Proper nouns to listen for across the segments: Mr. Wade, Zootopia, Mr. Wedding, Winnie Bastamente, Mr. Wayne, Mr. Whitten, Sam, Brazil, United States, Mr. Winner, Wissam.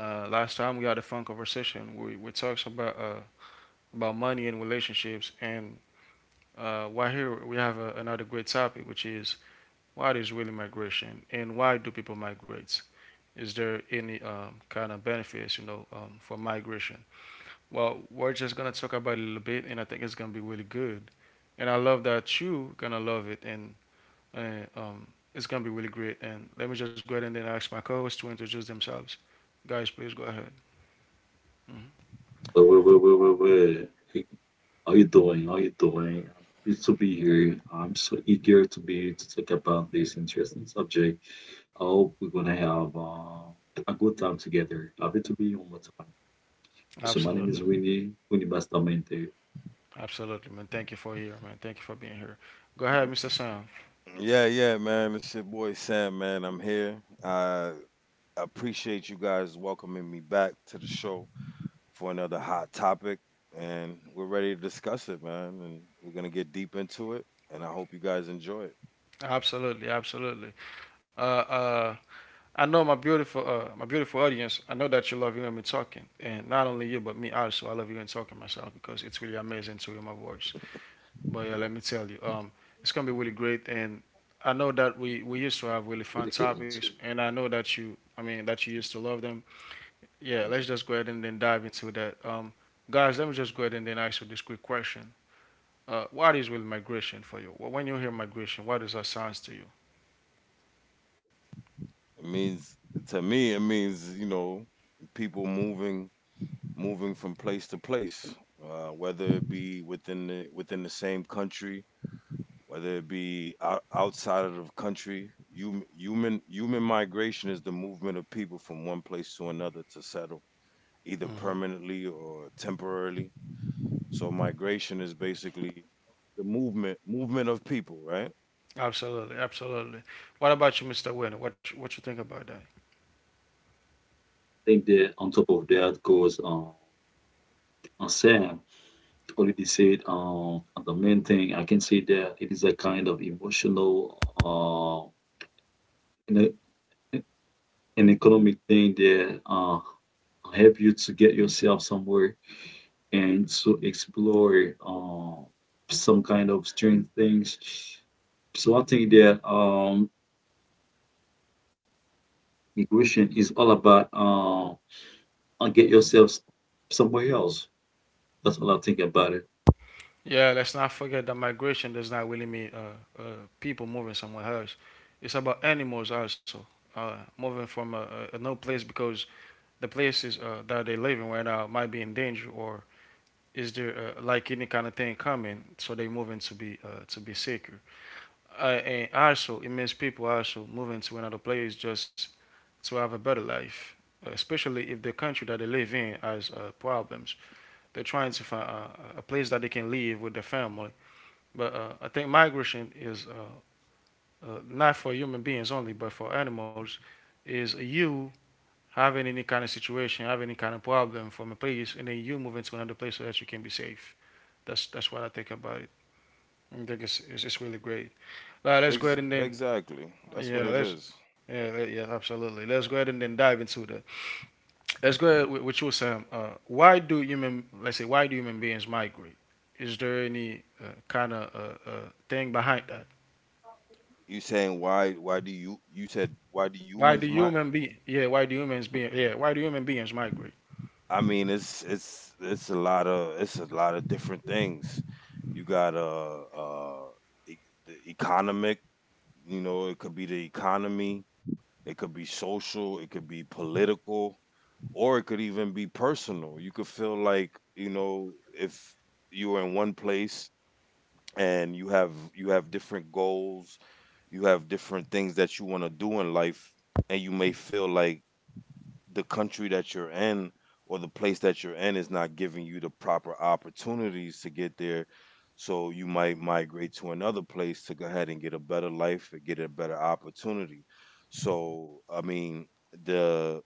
uh, last time we had a fun conversation. We talked about money and relationships, and why here we have another great topic, which is what is really migration and why do people migrate? Is there any kind of benefits for migration? Well, we're just gonna talk about it a little bit, and I think it's gonna be really good, and I love that you gonna love it, and it's gonna be really great. And let me just go ahead and then ask my co-hosts to introduce themselves. Guys, please go ahead. Mhm. Wait, wait, wait, wait, wait, wait. Hey, how you doing? How you doing? I'm happy to be here. I'm so eager to be here to talk about this interesting subject. I hope we're gonna have a good time together. Happy to be here one more time. So my name Absolutely, is Winnie, Winnie Bastamente. absolutely, man. Thank you for here, man. Thank you for being here. Go ahead, Mr. Sam. Yeah, yeah, man. It's your boy Sam, man. I'm here. I appreciate you guys welcoming me back to the show for another hot topic. And we're ready to discuss it, man. And we're going to get deep into it. And I hope you guys enjoy it. Absolutely, absolutely. Uh, uh, I know my my beautiful audience. I know that you love hearing me talking, and not only you, but me also. I love hearing talking myself because it's really amazing to hear my voice. But yeah, let me tell you, it's gonna be really great, and I know that we used to have really It's fun really good. topics, and I know that I mean, that you used to love them. Yeah, I let's just go ahead and then dive into that. Guys, let me just go ahead and then ask you this quick question. What is really migration for you? When you hear migration, what does that sounds to you? It means, to me, it means, you know, people moving from place to place, whether it be within the same country whether it be outside of the country. Human migration is the movement of people from one place to another to settle, either Hmm. permanently or temporarily. So migration is basically the movement of people, right? Absolutely, absolutely. What about you, Mr. Winner? What you think about that? think that on top of that goes Sam already said the main thing I can say that it is a kind of emotional you know, an economic thing that help you to get yourself somewhere and to explore some kind of strange things. So I think that migration is all about get yourself somewhere else. That's all I think about it. Yeah, let's not forget that migration does not really mean people moving somewhere else. It's about animals also moving from a no place because the places that they're living right now might be in danger or is there like any kind of thing coming, so they moving to be secure. And also, it means people also moving to another place just to have a better life, especially if the country that they live in has problems. They're trying to find a place that they can live with their family but I think migration is not for human beings only, but for animals, is you having any kind of situation, having any kind of problem from a place, and then you move into another place so that you can be safe. That's what I think about it. I think it's really great. Now let's go ahead and then Exactly. That's yeah what it let's is. yeah let- yeah absolutely let's go ahead and then dive into that. Let's go ahead with you Sam. Why do human beings migrate? Is there any kind of thing behind that? You saying why? Why do you? You said why do Why do humans? Human be yeah, why do humans be yeah, why do human beings migrate? I mean, it's a lot of it's a lot of different things. You got e- the economic. You know, it could be the economy, it could be social, it could be political, or it could even be personal. You could feel like, you know, if you were in one place and you have different goals, you have different things that you want to do in life, and you may feel like the country that you're in or the place that you're in is not giving you the proper opportunities to get there. So you might migrate to another place to go ahead and get a better life and get a better opportunity. So I mean the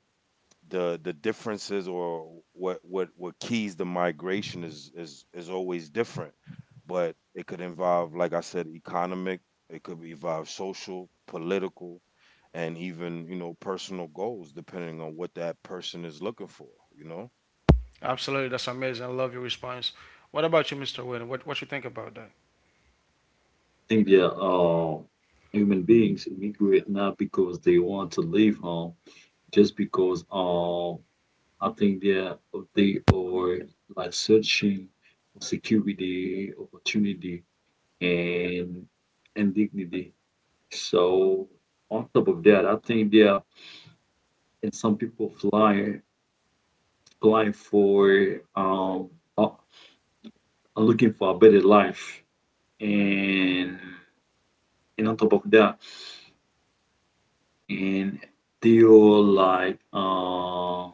the the differences, or what keys the migration, is always different, but it could involve, like I said, economic. It could involve social, political, and even, you know, personal goals, depending on what that person is looking for, you know. Absolutely, that's amazing. I love your response. What about you, Mr. Whitten? What you think about that? I think that human beings migrate not because they want to leave home, just because I think they are like searching for security, opportunity, and and dignity. So on top of that, I think they are and some people flying for are are looking for a better life and and on top of that and they are like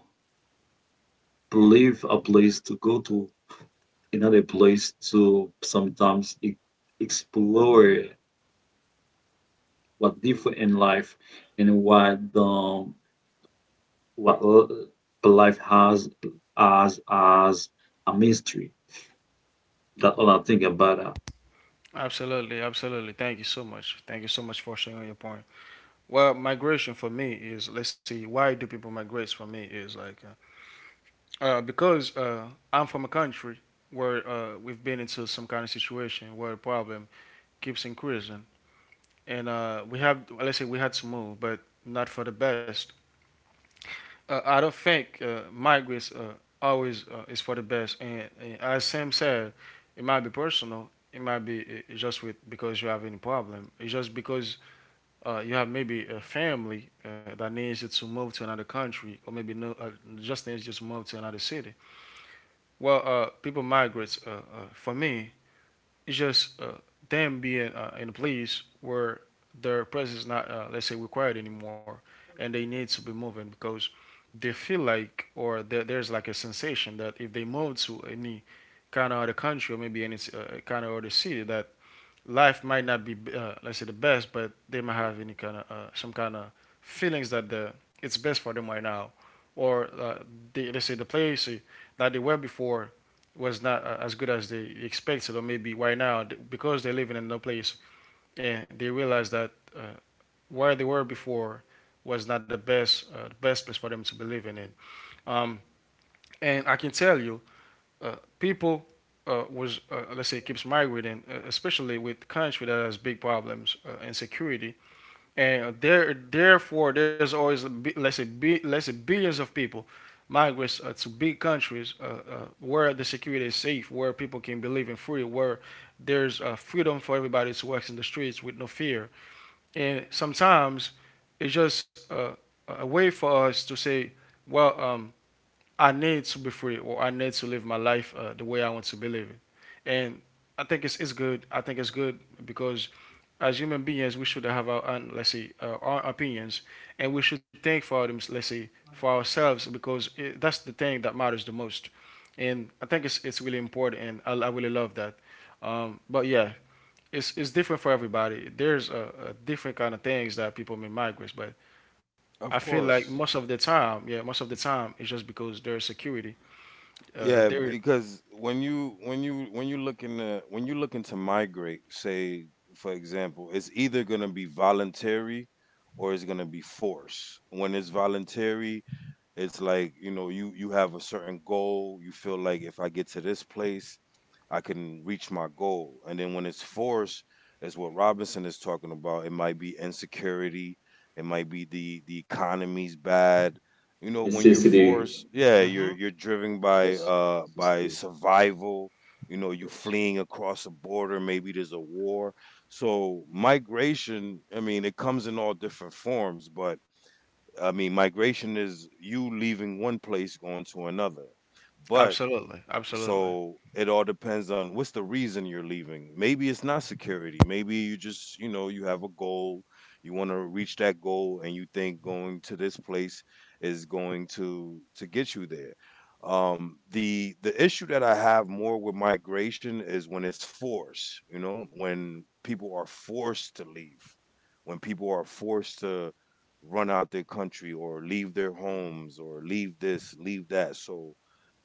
leave a place to go to another place to sometimes explore what different in life and what life has as a mystery. That's all I think about that. Absolutely, absolutely. Thank you so much. Thank you so much for sharing your point. Well, migration for me is let's see, why do people migrate? For me is like because I'm from a country where we've been into some kind of situation where the problem keeps increasing, and we have let's say we had to move, but not for the best. I don't think migrants always is for the best. And as Sam said, it might be personal. It might be just with because you have any problem. It's just because you have maybe a family that needs you to move to another country, or maybe no, just needs you to move to another city. Well, people migrate. For me, it's just them being in a place where their presence is not, let's say, required anymore, and they need to be moving because they feel like, or there's like a sensation that if they move to any kind of other country or maybe any kind of other city, that life might not be let's say the best, but they might have any kind of some kind of feelings that the it's best for them right now, or they, let's say the place that they were before was not as good as they expected, or maybe right now because they're living in no place and they realize that uh, where they were before was not the best the best place for them to be living in. Um, and I can tell you people was let's say keeps migrating, especially with country that has big problems insecurity, and therefore there's always a b let's say bi- let's say billions of people migrates to big countries where the security is safe, where people can be living free, where there's freedom for everybody to walk in the streets with no fear, and sometimes it's just a way for us to say, well. I need to be free or I need to live my life the way I want to be living. And I think it's good. I think it's good because as human beings, we should have own, let's say, our opinions and we should think for, them, let's say, for ourselves because that's the thing that matters the most. And I think it's really important and I really love that. But yeah, it's different for everybody. There's a different kind of things that people may migrate, but I Of feel like course. most of the time, yeah, most of the time, it's just because there's security uh, Yeah, there, because when you when you looking to migrate, say for example, it's either going to be voluntary or it's going to be forced. When it's voluntary, it's like, you know, you have a certain goal, you feel like if I get to this place, I can reach my goal. And then when it's forced, is what Robinson is talking about. It might be insecurity, it might be the economy's bad. You know, when you're Necessity. forced, yeah, you're hmm. Driven Yes. By Necessity. survival. You know, you Yes. fleeing across a border. Maybe there's a war. So migration, I mean, it comes in all different forms. But I mean, migration is you leaving one place going to another. But Absolutely, absolutely. so it all depends on what's the reason you're leaving. Maybe it's not security, maybe you just, you know, you have a goal, you want to reach that goal, and you think going to this place is going to get you there. The issue that I have more with migration is when it's forced. You know, when people are forced to leave, when people are forced to run out their country or leave their homes or leave this, leave that. So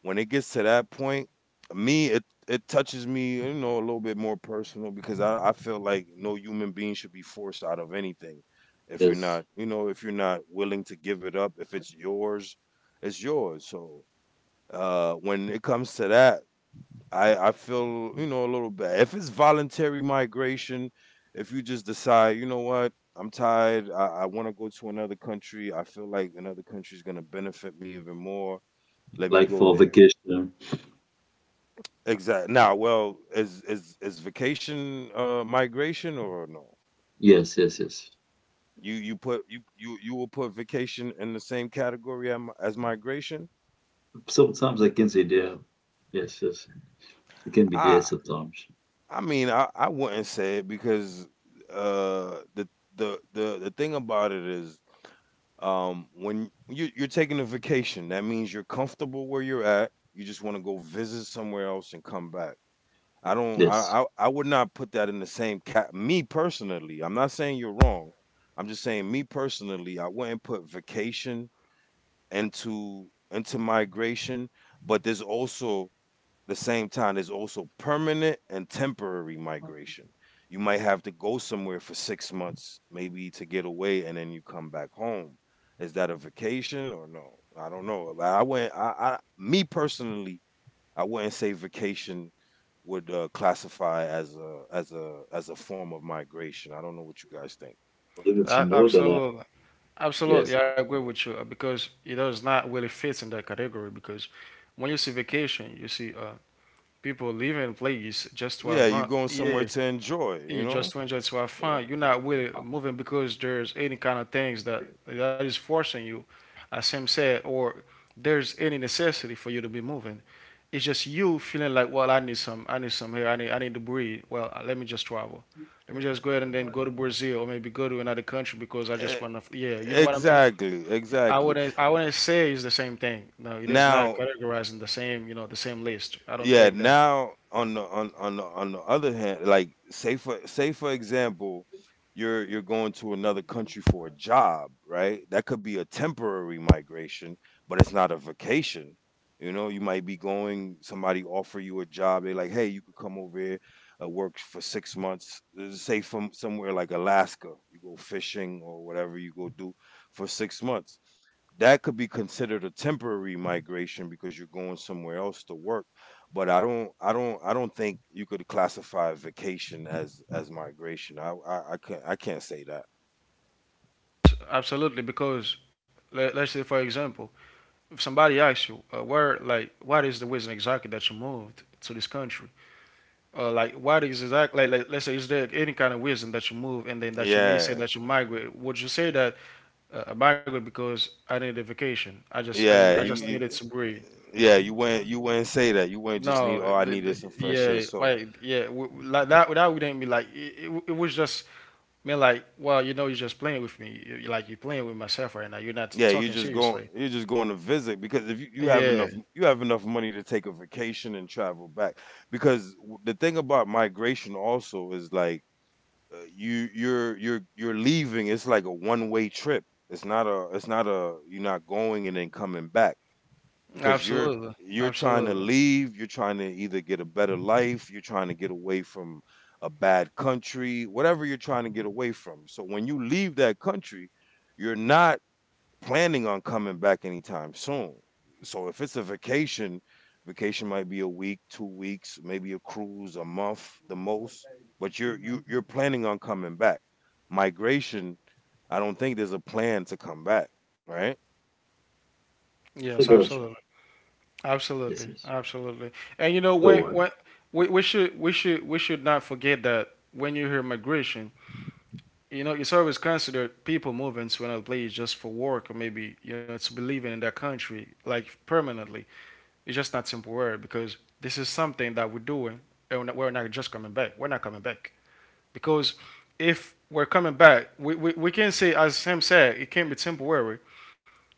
when it gets to that point, me, it touches me, you know, a little bit more personal, because I feel like no human being should be forced out of anything. If you're Yes. not, you know, if you're not willing to give it up, if it's yours, it's yours. So when it comes to that, I feel, you know, a little bad. If it's voluntary migration, if you just decide, you know what, I'm tired. I want to go to another country. I feel like another country is going to benefit me even more. Let me Like go for there. vacation. Exactly. Now, well, is vacation migration or no? Yes, yes, yes. You will put vacation in the same category as migration? Sometimes I can say there. Yes, yes. It can be there I sometimes. I mean, I wouldn't say it because the the thing about it is when you're taking a vacation, that means you're comfortable where you're at. You just want to go visit somewhere else and come back. I don't Yes. I would not put that in the same cat, me personally. I'm not saying you're wrong. I'm just saying me personally, I wouldn't put vacation into migration, but there's also the same time there's also permanent and temporary migration. You might have to go somewhere for 6 months maybe to get away and then you come back home. Is that a vacation or no? I don't know. I went I me personally, I wouldn't say vacation would classify as a as a as a form of migration. I don't know what you guys think. I don't know if you A- know that. Absolutely, absolutely. Yes. I agree with you because it does not really fit in that category. Because when you see vacation, you see people leaving place just to have Yeah, you're fun. going somewhere Yeah, to enjoy, you you just know? to enjoy it to have Yeah. fun. You're not I really moving because there's any kind of things that that is forcing you, as Sam said, or there's any necessity for you to be moving. It's just you feeling like, well, I need some here, I need to breathe. Well, let me just travel. Let me just go ahead and then go to Brazil or maybe go to another country because I just E- want to. Yeah, you know what I mean. Exactly, exactly. I wouldn't say it's the same thing. No, it is not Now, categorizing the same, you know, the same list. I don't yeah, think that now on the on the other hand, like say for example, you're going to another country for a job, right? That could be a temporary migration, but it's not a vacation. You know, you might be going, somebody offer you a job, they're like, hey, you could come over here, work for 6 months. Say from somewhere like Alaska, you go fishing or whatever you go do for 6 months. That could be considered a temporary migration because you're going somewhere else to work. But I don't think you could classify vacation as migration. I can't say that. absolutely because let's say for example if somebody asks you, where, like, what is the reason exactly that you moved to this country? Like, what is exactly, like, let's say, is there any kind of reason that you move and then that you may say Yeah, that you migrate? Would you say that I migrate because I needed a vacation? I didn't, I yeah, you, just you, needed to breathe. yeah, you wouldn't say that. You wouldn't just No, need, oh, I needed some fresh air. yeah, So like, yeah, like that, that wouldn't be like, it was just, me, like, well, you know, you're just playing with me. You- like, you're playing with myself right now. You're not yeah, talking seriously. You're just going to visit, because if you, Yeah, you have enough money to take a vacation and travel back. Because the thing about migration also is like, you you're leaving. It's like a one way trip. It's not a, it's not a, you're not going and then coming back, because absolutely. you're trying to Absolutely. leave, you're trying to either get a better life, you're trying to get away from a bad country, whatever you're trying to get away from. So when you leave that country, you're not planning on coming back anytime soon. So if it's a vacation, vacation might be a week, 2 weeks, maybe a cruise, a month, the most, but you you're planning on coming back. Migration, I don't think there's a plan to come back, right? I Yes, forgot absolutely. you. Yes, Absolutely, yes. absolutely. And you know, Don't worry. when we, we should not forget that when you hear migration, you know, it's always considered people moving to another place just for work or maybe you know to be living in that country like permanently. It's just not temporary because this is something that we're doing, and we're not just coming back. We're not coming back because if we're coming back, we can say as Sam said, it can be temporary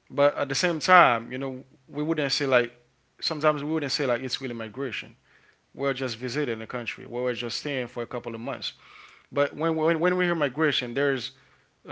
but at the same time, you know, we wouldn't say like sometimes we wouldn't say like it's really migration. We're just visiting the country. We're just staying for a couple of months. But when we hear migration, there's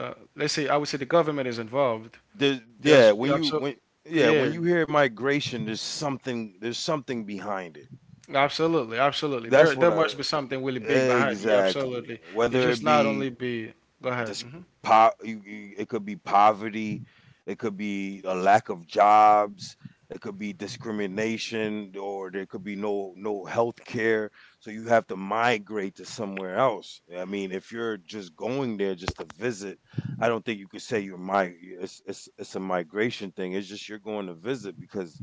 let's say I would say the government is involved. Yeah, There's when you absolutely when yeah, when yeah, you hear migration, there's something behind it. absolutely, absolutely. That's There what there I must be something really big behind. It. Yeah, exactly. absolutely. It Whether it just not be only be go ahead. This Hmm. It could be poverty, it could be a lack of jobs, it could be discrimination, or there could be no health care. So you have to migrate to somewhere else. I mean, if you're just going there just to visit, I don't think you could say you're my. It's a migration thing. It's just you're going to visit because,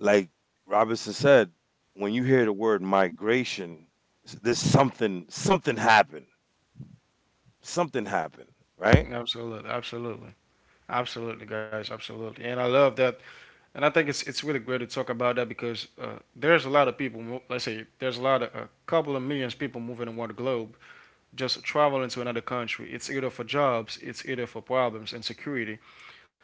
like Robinson said, when you hear the word migration, there's something happened. Something happened, right? Absolutely, absolutely, absolutely, guys, absolutely. And I love that and I think it's really great to talk about that because there's a lot of people. Let's say there's a lot of a couple of millions of people moving around the globe, just traveling to another country. It's either for jobs, it's either for problems and security.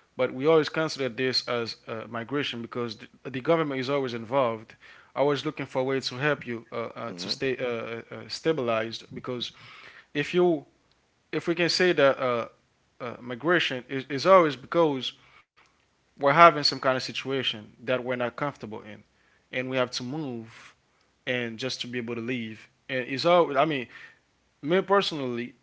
But we always consider this as migration because the government is always involved, always looking for a way to help you to Mm-hmm. stay stabilized. Because if you if we can say that migration is always because we're having some kind of situation that we're not comfortable in and we have to move and just to be able to leave. And it's all. I mean, me personally,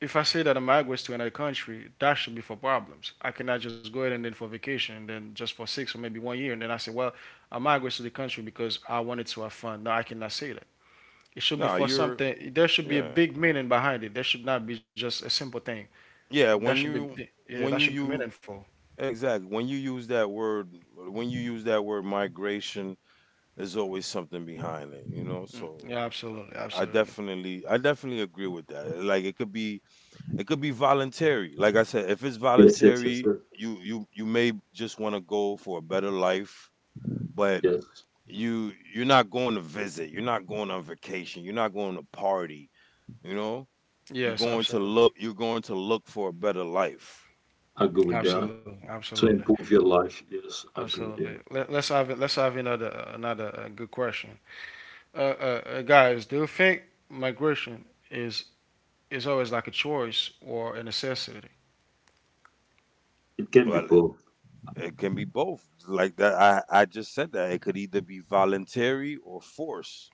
if I say that I'm migrants to another country, that should be for problems. I cannot just go ahead and then for vacation, and then just for six or maybe one year, and then I say, well, I migrate to the country because I wanted to have fun. No, I cannot say that. It should be No, for you're something. There should be a yeah. big meaning behind it. There should not be just a simple thing. Yeah, That should when be, yeah, that should be you meaningful. exactly, when you use that word when you use that word migration, there's always something behind it, you know? So Yeah, absolutely, absolutely. I definitely agree with that. Like it could be, it could be voluntary. Like I said, if it's Yes, yes, yes, voluntary, yes. You may just want to go for a better life, but Yes. You're not going to visit, you're not going on vacation, you're not going to party, you know? You're Yes, going to absolutely, look. You're going to look for a better life. I go with that. absolutely, To absolutely. improve your life. Yes, I agree Absolutely. with. Let's have another good question. Guys, do you think migration is is always like a choice or a necessity? It can be Well, both. it can be both. Like that, I just said that it could either be voluntary or forced.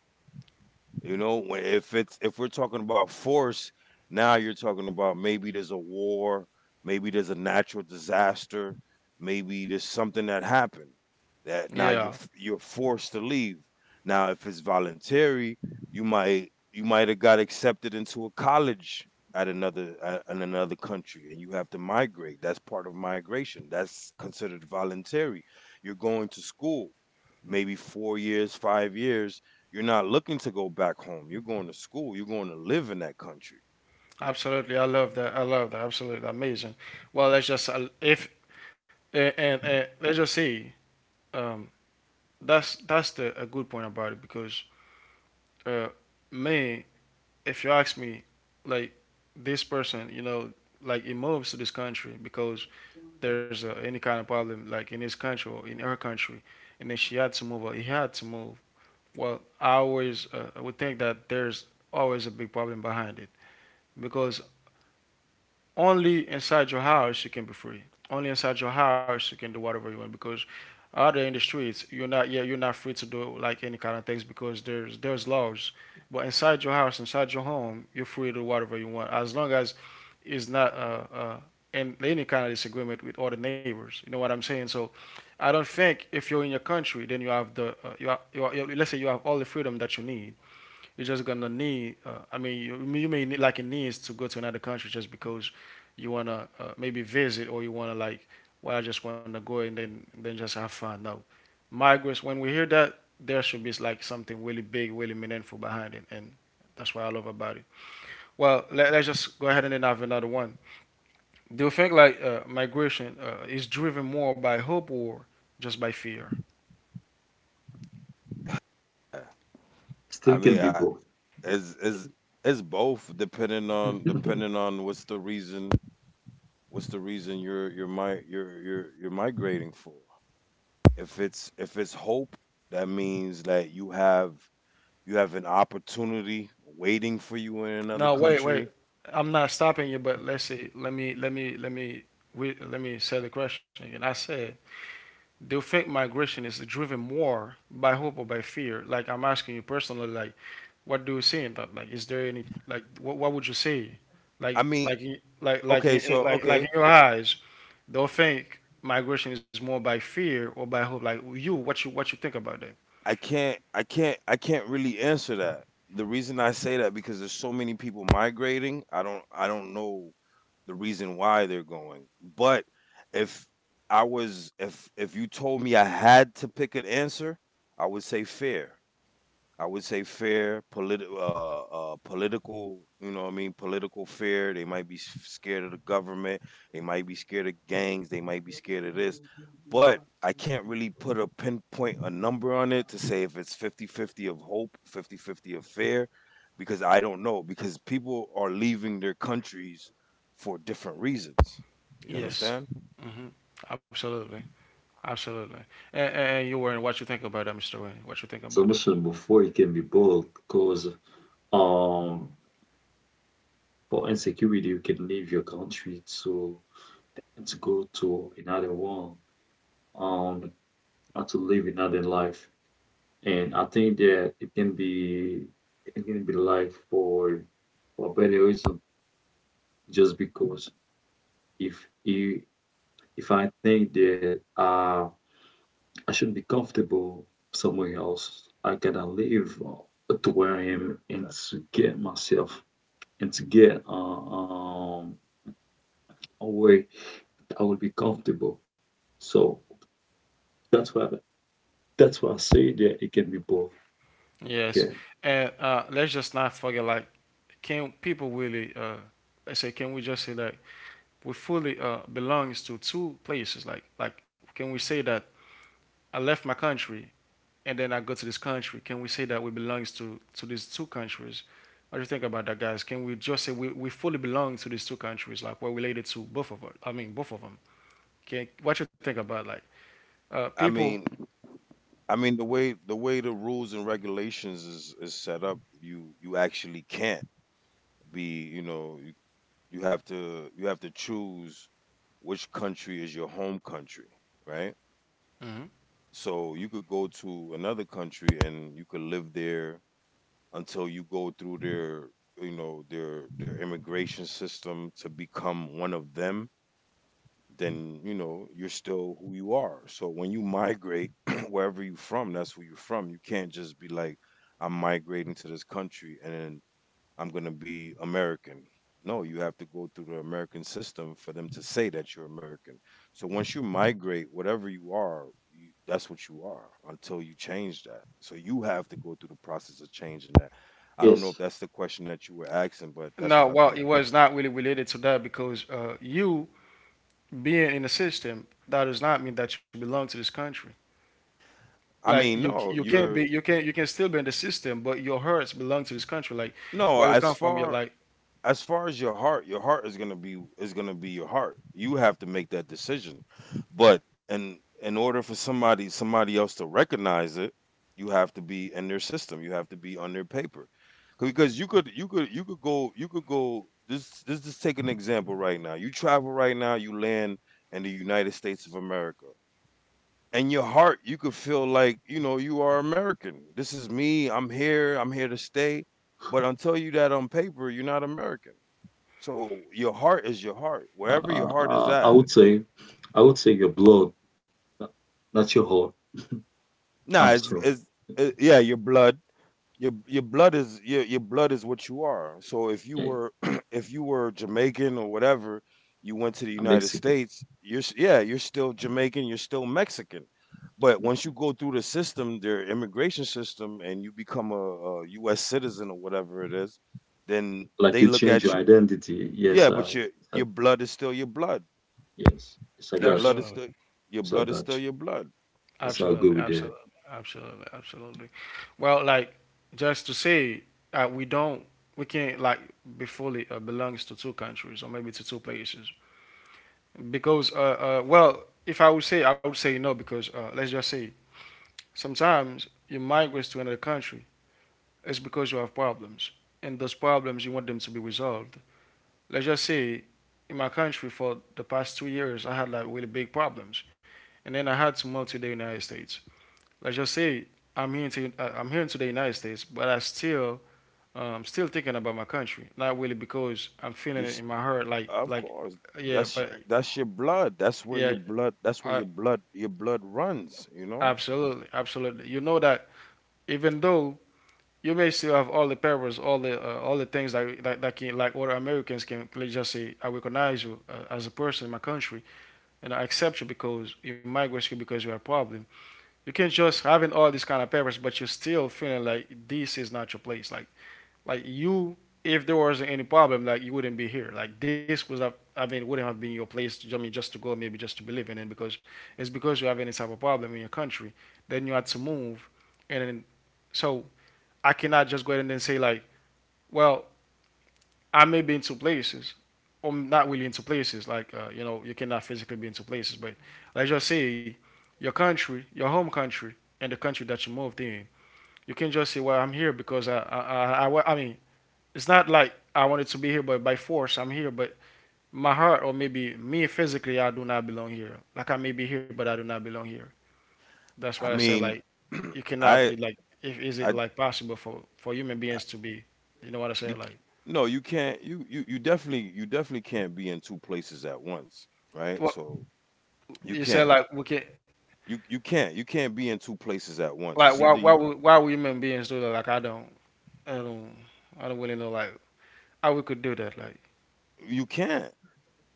You know, when, if it's, if we're talking about force, now you're talking about maybe there's a war, maybe there's a natural disaster, maybe there's something that happened that now you're Yeah, you're forced to leave. Now, if it's voluntary, you might have got accepted into a college at in another country, and you have to migrate. That's part of migration. That's considered voluntary. You're going to school, maybe 4 years, 5 years, you're not looking to go back home. You're going to school. You're going to live in that country. absolutely. I love that. I love that. Absolutely amazing. Well, let's just if and, and let's just see. Um, that's the a good point about it because uh, me, if you ask me, like this person, you know, like he moves to this country because there's any kind of problem, like in his country or in her country, and then she had to move or he had to move. Well, I always would think that there's always a big problem behind it because only inside your house you can be free. Only inside your house you can do whatever you want because out there in the streets you're not, yeah, you're not free to do like any kind of things because there's laws. But inside your house, inside your home, you're free to do whatever you want as long as it's not in any kind of disagreement with other neighbors. You know what I'm saying? So I don't think if you're in your country, then you have the you have- let's say you have all the freedom that you need. You're just gonna need. I mean, you may need, like it needs to go to another country just because you wanna maybe visit or you wanna like. Well, I just wanna go and then just have fun. No, migrants. When we hear that, there should be like something really big, really meaningful behind it, and that's what I love about it. Well, us just go ahead and then have another one. Do you think like migration is driven more by hope or just by fear? Still I can mean, be I, both. it's both, depending on what's the reason, you're you're migrating for. If it's, if it's hope, that means that you have, you have an opportunity waiting for you in another No, wait, wait. country. I'm not stopping you, but let's see. Let me, let me say the question again. I said, do you think migration is driven more by hope or by fear? Like I'm asking you personally, like, what do you see in that? Like, is there any, like, what would you say? I mean, Like, in- like, like, okay, in, so like, like in okay, your eyes, do you think migration is more by fear or by hope? Like you, what you, what you think about that? I can't really answer that. The reason I say that, because there's so many people migrating, I don't know the reason why they're going. But if I was if you told me I had to pick an answer, I would say fear. I would say fair, politi-, political, you know what I mean, political fear. They might be scared of the government. They might be scared of gangs. They might be scared of this. But I can't really put a pinpoint, a number on it to say if it's 50-50 of hope, 50-50 of fear, because I don't know. Because people are leaving their countries for different reasons. You Yes. understand? Hmm. Absolutely. Absolutely. And you were in what you think about that, Mr. Wayne. What you think So, about I that? mentioned before, it can be both because um for insecurity you can leave your country to and to go to another one um and to live another life. And I think that it can be life for a better reason just because if you if I think that I should be comfortable somewhere else. I gotta live to where I am and to get myself and to get a way I will be comfortable. So that's why that's why I say that it can be both. Yes. Okay. And let's just not forget, like, can people really, I say, can we just say that we fully belongs to two places? Like, can we say that I left my country and then I go to this country? Can we say that we belongs to these two countries? What do you think about that, guys? Can we just say we fully belong to these two countries? Like, we're related to both of us. I mean, both of them. Can, what you think about, like, I people? mean, I mean, the way the rules and regulations is set up, you actually can't be, you know, you have to choose which country is your home country, right? So you could go to another country and you could live there until you go through their, you know, their immigration system to become one of them, then you know you're still who you are. So when you migrate wherever you're from, that's who you're from. You can't just be like, I'm migrating to this country and then I'm gonna be American. No, you have to go through the American system for them to say that you're American. So once you migrate, whatever you are, you, that's what you are until you change that. So you have to go through the process of changing that. I don't know if Yes. that's the question that you were asking, but that's No, what I well, think. it was not really related to that because you being in the system, that does not mean that you belong to this country. I Like mean, you, no, you can you're be, you can still be in the system, but your hearts belong to this country. Like no, where you as come from, you're far like as far as your heart is gonna be your heart. You have to make that decision. But in order for somebody else to recognize it, you have to be in their system. You have to be on their paper. Because you could go this just take an example right now. You travel right now, you land in the United States of America. In your heart, you could feel like, you know, you are American. This is me, I'm here to stay. But until you that on paper, you're not American. So your heart is your heart. Wherever your Uh, heart is uh, I at. would say I would say your blood, not, not your heart. Nah, I'm sorry. it's yeah, your blood. Your blood is your blood is what you are. So if you Yeah, were if you were Jamaican or whatever, you went to the I'm United Mexican. States, yeah, you're still Jamaican, you're still Mexican. But once you go through the system, their immigration system, and you become a U.S. citizen or whatever it is, then Like they you look change at your you. identity. Yes, Yeah, but your I your blood is still your blood. yes, yes, I Your got blood you. is absolutely, still Yes, I got you. your blood. Yes, I absolutely, agree with absolutely, that. absolutely, absolutely. Well, like just to say we don't, we can't like be fully belongs to two countries or maybe to two places because well, if I would say, I would say no because let's just say sometimes you migrate to another country. It's because you have problems, and those problems you want them to be resolved. Let's just say, in my country for the past 2 years, I had like really big problems, and then I had to move to the United States. Let's just say I- am here to the United States, but I still still thinking about my country. Not really because I'm feeling You, it in my heart, of like course, yeah, that's but your blood. That's where yeah, your blood. That's where I, your blood runs. You know. absolutely, absolutely. You know that even though you basically have all the powers, all the things that can like other Americans can like, just say, I recognize you as a person in my country, and I accept you because you migrate here because you are a problem. You can just having all these kind of powers, but you're still feeling like this is not your place. Like you, if there wasn't any problem, like you wouldn't be here. Like this was a I mean, it wouldn't have been your place. To, I mean, just to go, maybe just to believe in it, because it's because you have any type of problem in your country. Then you had to move, and then, so I cannot just go ahead and then say like, well, I may be in two places. Or not really in two places. Like, you know, you cannot physically be in two places. But let's just say your country, your home country, and the country that you moved in. You can just say, well, I'm here because I mean, it's not like I wanted to be here, but by force I'm here. But my heart, or maybe me physically, I do not belong here. Like I may be here, but I do not belong here. That's why I I say mean, like you cannot I be like. If is it I, like possible for human I beings to be? You know what I say? you c- Like no, you can't you definitely can't be in two places at once, right? what So you you said? can't Like we can you can't be in two places at once. like It's why either you why would human beings do that? Like I don't I don't really know like how we could do that. Like you can't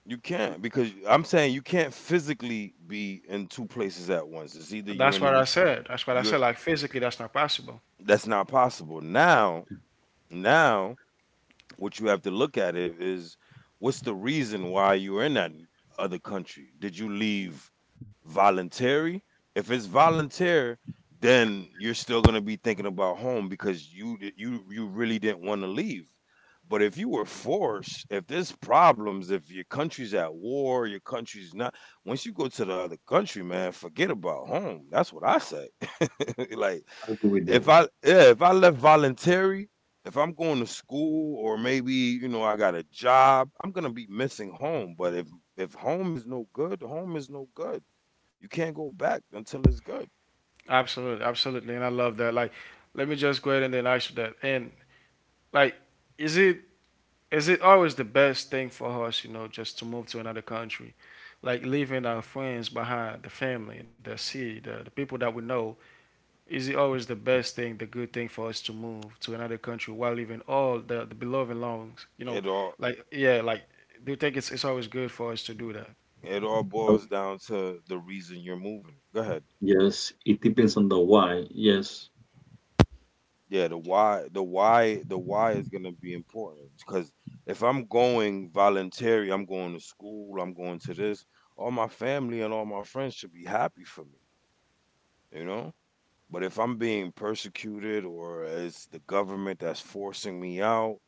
you can't because I'm saying you can't physically be in two places at once. It's either you're that's in what I the said. That's what I you're said. Like physically that's not possible. that's not possible now, now what you have to look at it is what's the reason why you're in that other country? Did you leave voluntary? If it's voluntary, then you're still going to be thinking about home because you you really didn't want to leave. But if you were forced, if there's problems, if your country's at war, your country's not. Once you go to the other country, man, forget about home. That's what I say. Like I agree with if that. I, yeah, if I left voluntary, if I'm going to school or maybe you know I got a job, I'm gonna be missing home. But if home is no good, home is no good. You can't go back until it's good. Absolutely, absolutely. And I love that. Like let me just go ahead and then ask you that. And like is it is it always the best thing for us, you know, just to move to another country? Like leaving our friends behind, the family, the city, the people that we know, is it always the best thing, the good thing for us to move to another country while leaving all the beloved longs? You know, It all like yeah, like do you think it's always good for us to do that? Oh, boils down to the reason you're moving. Go ahead. yes, it depends on the why. Yes, Yeah, the why, the why is gonna be important because if I'm going voluntary, I'm going to school, I'm going to this. All my family and all my friends should be happy for me. You know. But if I'm being persecuted or it's the government that's forcing me out,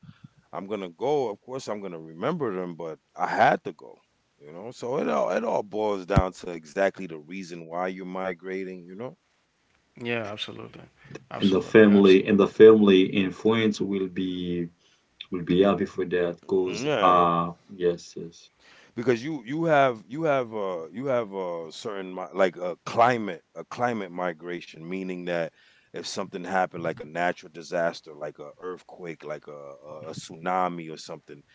I'm gonna go. Of course, I'm gonna remember them, but I had to go. You know, so it all boils down to exactly the reason why you're migrating. You know, Yeah, absolutely, and the absolutely, family absolutely. and the family influence will be happy for that cause. yeah, Ah, yes, yes, because you have you have a certain like a climate, a climate migration, meaning that if something happened like a natural disaster, like a earthquake, like a tsunami or something,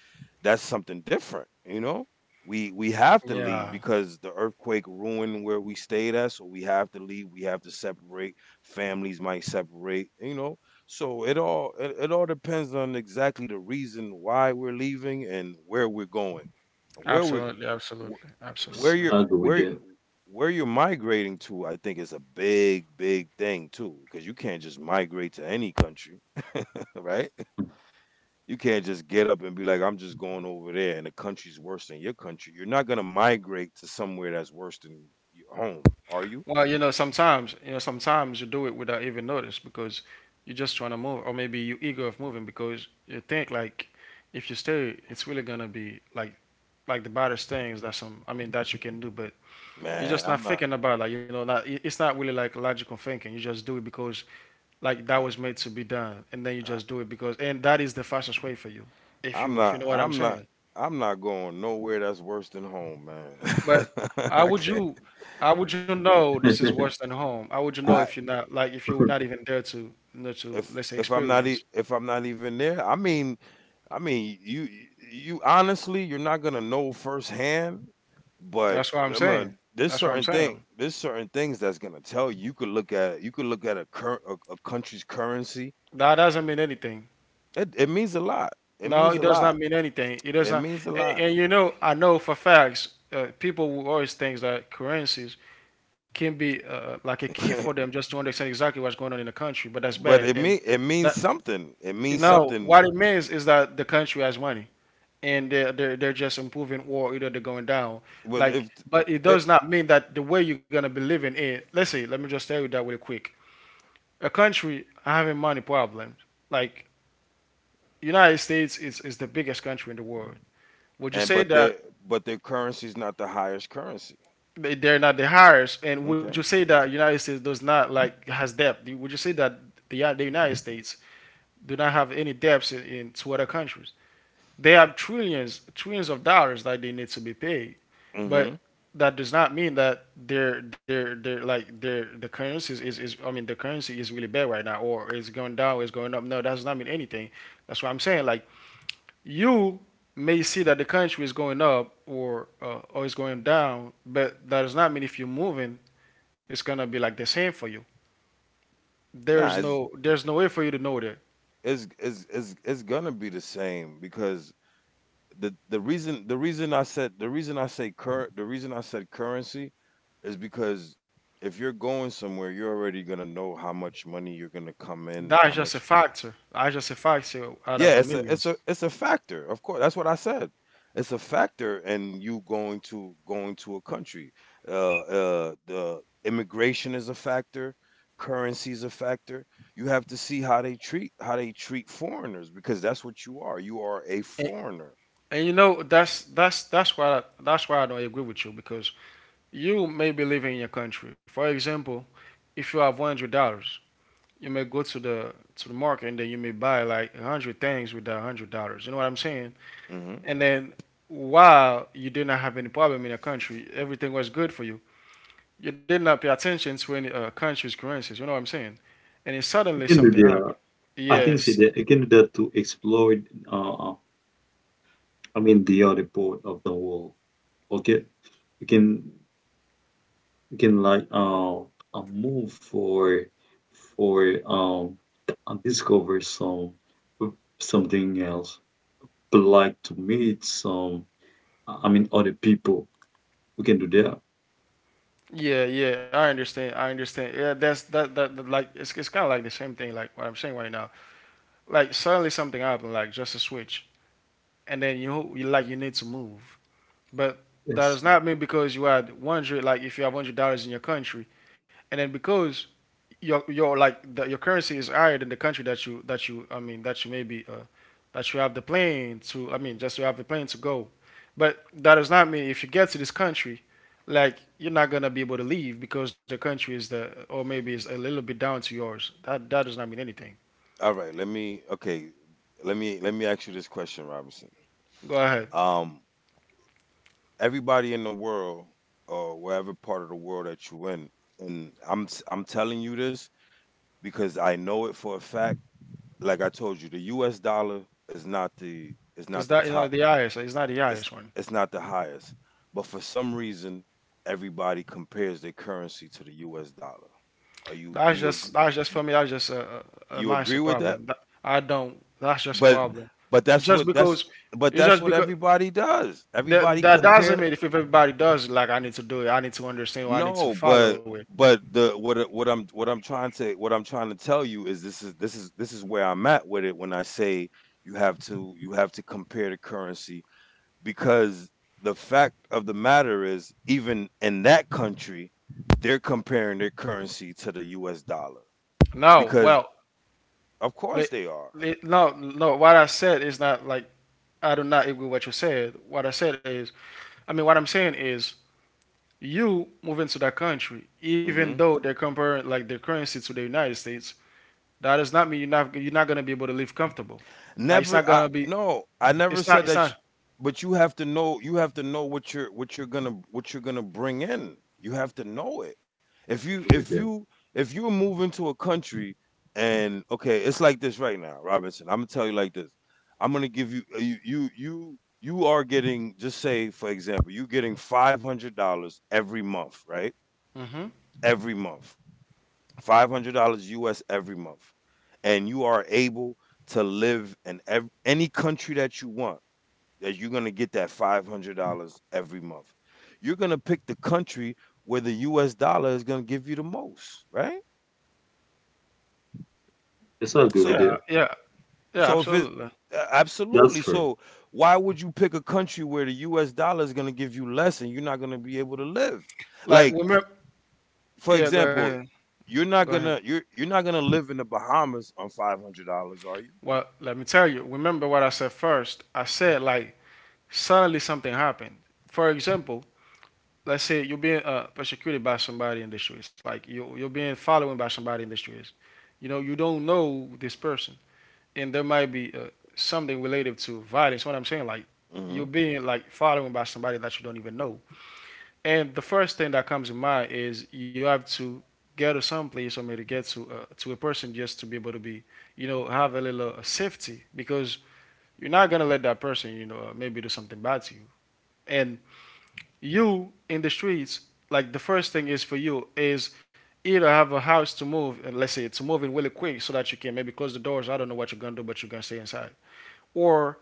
that's something different, you know? We have to leave Yeah, because the earthquake ruined where we stayed at, so we have to leave. We have to separate. Families might separate, you know. So it all depends on exactly the reason why we're leaving and where we're going, where we absolutely, wh- absolutely, where absolutely. you're I agree with that. where you're migrating to. I think is a big big thing too, because you can't just migrate to any country, right? You can't just get up and be like, I'm just going over there and the country's worse than your country. You're not going to migrate to somewhere that's worse than your home, are you? Well, you know, sometimes you know, sometimes you do it without even notice because you're just trying to move, or maybe you're eager of moving because you think like if you stay, it's really gonna be like the baddest things that some I mean that you can do, but you're Man, just not I'm not. thinking about it, like you know, not, it's not really like logical thinking. You just do it because like that I, was made to be done, and then you I, just do it because, and that is the fastest way for you, if I'm you if you not. know what I'm I'm not. saying. I'm not going nowhere that's worse than home, man. But how I would can't. you, how would you know this is worse than home? How would you know if I you're not like if you're not even there to, you know, to let's say if I'm not experience? if I'm not even there. I mean, you honestly, you're not gonna know firsthand, but That's what I'm I'm a saying. there's That's what I'm certain thing, saying. there's certain things that's gonna tell you. You could look at, you could look at a cur a country's currency. That doesn't mean anything. It means a lot. It No, means it a does lot. not mean anything. It does It not. means a And, lot. and you know, I know for facts, people will always think that currencies can be like a key for them just to understand exactly what's going on in the country. But that's But bad, it and mean, it means that something. It means now something. what it means is that the country has money, and they're just improving or either they're going down. But Like, if but it it does not mean that the way you're going to be living in, let's say, let me just tell you that really quick. A country having money problems, like, United States is the biggest country in the world. Would you and say that but their currency is not the highest currency. They're not the highest? And would you Okay. say that United States does not like has debt? Would you say that the United States do not have any debts in to other countries? They have trillions, trillions of dollars that they need to be paid, Mm-hmm. but that does not mean that their like their the currency is I mean the currency is really bad right now, or it's going down, it's going up. No, that does not mean anything. That's what I'm saying. Like, you may see that the country is going up or is going down, but that does not mean if you're moving, it's gonna be like the same for you. Nah, it's There's no way for you to know that. It's it's gonna be the same because the reason I said the reason I say current the reason I said currency is because if you're going somewhere, you're already gonna know how much money you're gonna come in, how That's just a much. factor. That's just a factor out of Yeah, a it's a millions. Factor. Of course, that's what I said. It's a factor in you going to, going to a country. Uh, the immigration is a factor. Currency is a factor. You have to see how they treat foreigners because that's what you are. You are a And, foreigner. And you know that's why that's why I don't agree with you, because you may be living in your country. For example, if you have $100, you may go to the market, and then you may buy like 100 things with that $100. You know what I'm saying? Hmm. And then while you did not have any problem in your country, everything was good for you. You did not pay attention to any country's currencies. You know what I'm saying? And then I suddenly can do something that. happened. I can say Yes, that. I can do that to explore. Uh, I mean the other part of the world. Okay, you can. You can like a move for and discover something else. But like to meet some, I mean, other people who can do that. yeah, yeah, I understand. I understand. Yeah, that, that, like, it's kind of like the same thing like what I'm saying right now. Like suddenly something happened, like just a switch, and then you like you need to move. But that Yes. does not mean because you had 100, like if you have $100 in your country, and then because your like the, your currency is higher than the country that you I mean that you maybe that you have the plane to, I mean just you have the plane to go, but that does not mean if you get to this country, like you're not gonna be able to leave because the country is the, or maybe is a little bit down to yours. That, that does not mean anything. All right, let me, okay, let me ask you this question, Robinson. Go ahead. Um, everybody in the world or wherever part of the world that you in, and I'm telling you this because I know it for a fact. Like I told you, the U.S. dollar is not the, is Is not the that you know top. the highest? It's not the It's highest one. it's not the highest, but for some reason, everybody compares their currency to the U.S. dollar. Are you, That's do just, that's just for me. That's just a you agree mindset with that? problem. I don't. That's just a But problem. but You that's Just what that's because but it's that's just what because everybody does. that, Everybody that doesn't compare. mean if everybody does it, like I need to do it, I need to understand, or I need to No, follow it. but the what what I'm trying to tell you is this, is this is where I'm at with it when I say you have to compare the currency because the fact of the matter is even in that country they're comparing their currency to the U.S. dollar, No, because well, of course li- they are. No, no. What I said is not like I do not agree with what you said. What I said is, I mean, what I'm saying is, you move into that country, even Mm-hmm. though they're comparing like their currency to the United States, that does not mean you're not gonna be able to live comfortable. Like it's Never not I, gonna be, no, I never it's not, said it's that sh— not. but you have to know, you have to know what you're gonna bring in. You have to know it. If I you agree with if that. you if you're moving to a country and okay, it's like this right now, Robinson. I'm gonna tell you like this. I'm gonna give you you are getting, just say for example, you're getting $500 every month, right? Hmm. Every month. $500 U.S. every month. And you are able to live in any country that you want, that you're going to get that $500 every month. You're going to pick the country where the U.S. dollar is going to give you the most, right? Yes, I agree with So Yeah, that. yeah, yeah, so if it's absolutely. That's absolutely fair. so why would you pick a country where the U.S. dollar is going to give you less and you're not going to be able to live? Like Like remember, for yeah. Go example, ahead, you're not go ahead. gonna you're not gonna live in the Bahamas on $500, are you? Well, let me tell you, remember what I said first. I said, like, suddenly something happened. For example, let's say you're being persecuted by somebody in the streets, like, you're being followed by somebody in the streets. You know, you don't know this person, and there might be something related to violence. What I'm saying, like, you're Mm-hmm. being like followed by somebody that you don't even know. And the first thing that comes in mind is you have to get to some place, or maybe get to a person, just to be able to be, you know, have a little safety, because you're not gonna let that person, you know, maybe do something bad to you. And you in the streets, like, the first thing is for you is either have a house to move, and let's say it's moving really quick so that you can maybe close the doors. I don't know what you're gonna do, but you're gonna stay inside, or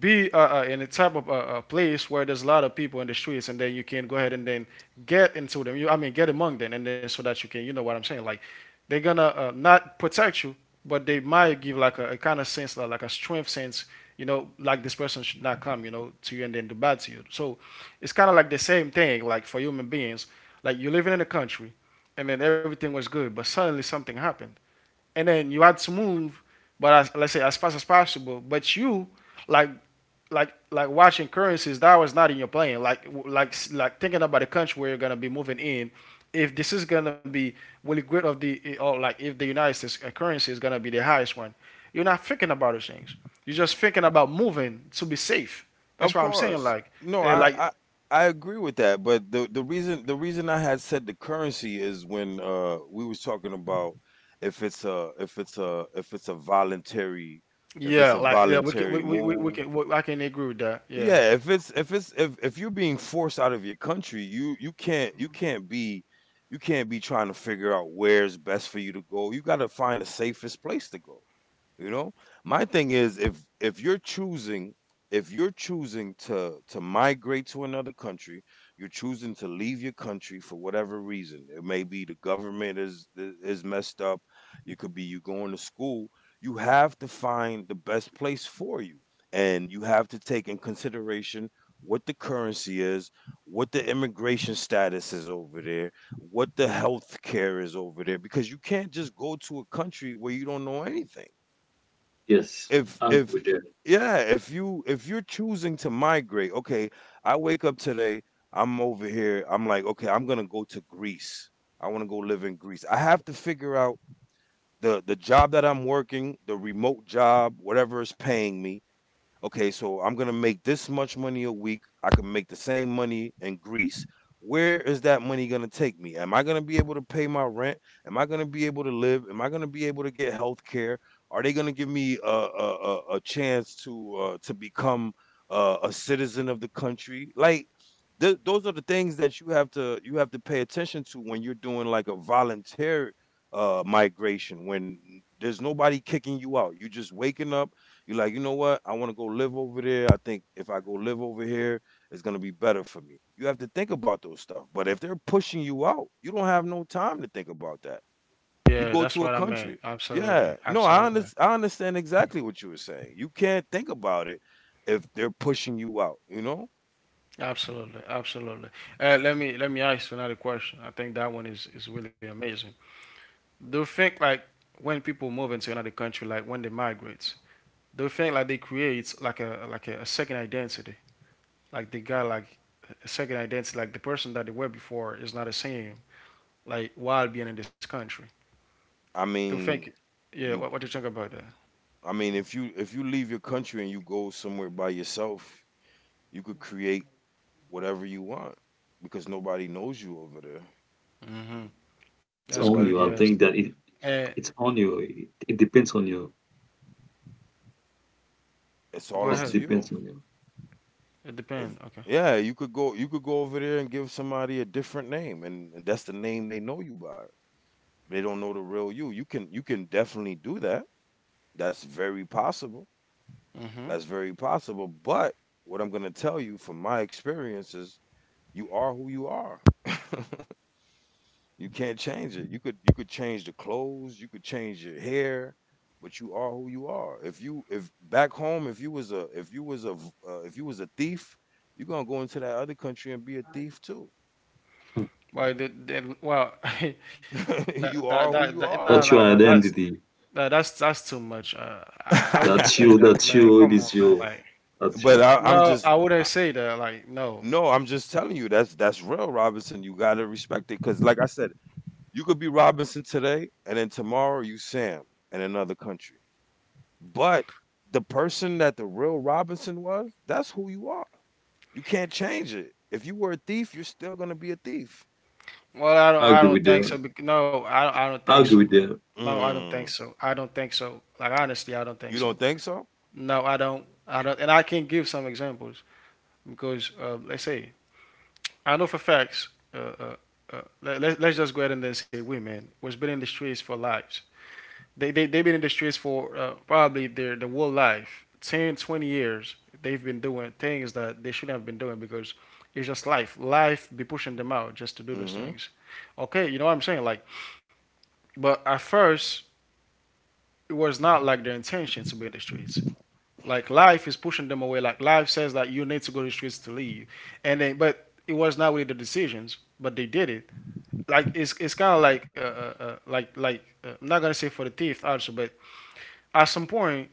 be in a type of place where there's a lot of people in the streets, and then you can go ahead and then get into them. You, I mean, get among them, and then so that you can, you know what I'm saying? Like they're gonna not protect you, but they might give like a kind of sense, like a strength sense. You know, like this person should not come, you know, to you and then do bad to you. So it's kind of like the same thing, like for human beings. Like you're living in a country, and then everything was good, but suddenly something happened, and then you had to move, but as, let's say as fast as possible. But you, like, watching currencies, that was not in your plan. Like, thinking about the country where you're gonna be moving in. If this is gonna be really great of the eh, or like if the United States currency is gonna be the highest one, you're not thinking about those things. You're just thinking about moving to be safe. That's Of what I'm saying. course. Like, No, eh, like, I agree with that, but the reason I had said the currency is when we was talking about if it's a voluntary if yeah, it's a like yeah, voluntary we move. can I can agree with that. Yeah, Yeah, if it's if if you're being forced out of your country, you can't you can't be trying to figure out where's best for you to go. You got to find the safest place to go. You know? My thing is if you're choosing if you're choosing to migrate to another country, you're choosing to leave your country for whatever reason. It may be the government is messed up. It could be you going to school. You have to find the best place for you. And you have to take in consideration what the currency is, what the immigration status is over there, what the health care is over there because you can't just go to a country where you don't know anything Yes. if I agree if with that. yeah, if you if you're choosing to migrate, okay, I wake up today, I'm over here, I'm like, okay, I'm gonna go to Greece. I wanna go live in Greece. I have to figure out the job that I'm working, the remote job, whatever is paying me okay, so I'm going to make this much money a week. I could make the same money in Greece. Where is that money going to take me? Am I going to be able to pay my rent? Am I going to be able to live? Am I going to be able to get health care? Are they going to give me a chance to to become a citizen of the country? Like those are the things that you have to pay attention to when you're doing like a voluntary migration. When there's nobody kicking you out, you're just waking up you're like, you know what? I want to go live over there. I think if I go live over here, it's gonna be better for me. You have to think about those stuff. But if they're pushing you out, you don't have no time to think about that. yeah, You go that's what to I a meant. country. Absolutely, Yeah, no, absolutely. I understand exactly what you were saying. You can't think about it if they're pushing you out. You know, Absolutely, absolutely. Let me let me ask you another question. I think that one is really amazing. Do you think like when people move into another country, like when they migrate, do you think like they create like a like a second identity? Like they got like a second identity, like the person that they were before is not the same. Like while being in this country, I do you think? mean, Yeah, you, what do you think about that? I mean, if you leave your country and you go somewhere by yourself, you could create whatever you want because nobody knows you over there. That's It's good. on Nobody you. I Yes. knows you. think that it Uh, it's on you. It depends on you. It's all go up Yes, it to ahead. you. depends on you. It If depends. Okay. yeah, you could go over there and give somebody a different name and that's the name they know you by. They don't know the real you. You can definitely do that. That's very possible. Mm-hmm. That's very possible. But what I'm gonna tell you from my experience is you are who you are. You can't change it. You could change the clothes, you could change your hair, but you are who you are. If you if back home, if you was a if you was a if you was a thief, you're gonna go into that other country and be a thief too. Hmm. Well, well, You are who you no, are. That's no, your no, that's identity. uh, that's too much. I wouldn't say that, That's man. you, it Come on, is man. you. Like, That's you. I'm no, just I wouldn't I- say that. Like, no. no, I'm just telling you that's real, Robinson. You gotta respect it because, like I said, you could be Robinson today, and then tomorrow you Sam in another country. But the person that the real Robinson was, that's who you are. You can't change it. If you were a thief, you're still gonna be a thief. Well, I don't. I I agree don't with think so. that. No, I don't. I don't think I so, agree with man. that. No, I don't think Mm. so. I don't think so. Like, honestly, I don't think You so. don't think so? No, I don't. I don't. And I can give some examples, because, let's say, I know for facts. Let's just go ahead and then say women was been in the streets for lives. They've been in the streets for probably their the whole life, 10 or 20 years. They've been doing things that they shouldn't have been doing because it's just life. Life be pushing them out just to do those Mm-hmm. things. Okay, you know what I'm saying? Like, but at first it was not like their intention to be in the streets. Like, life is pushing them away. Like, life says that you need to go to the streets to leave, and then but it was not really the decisions, but they did it. Like, it's kind of like I'm not gonna say for the thief also, but at some point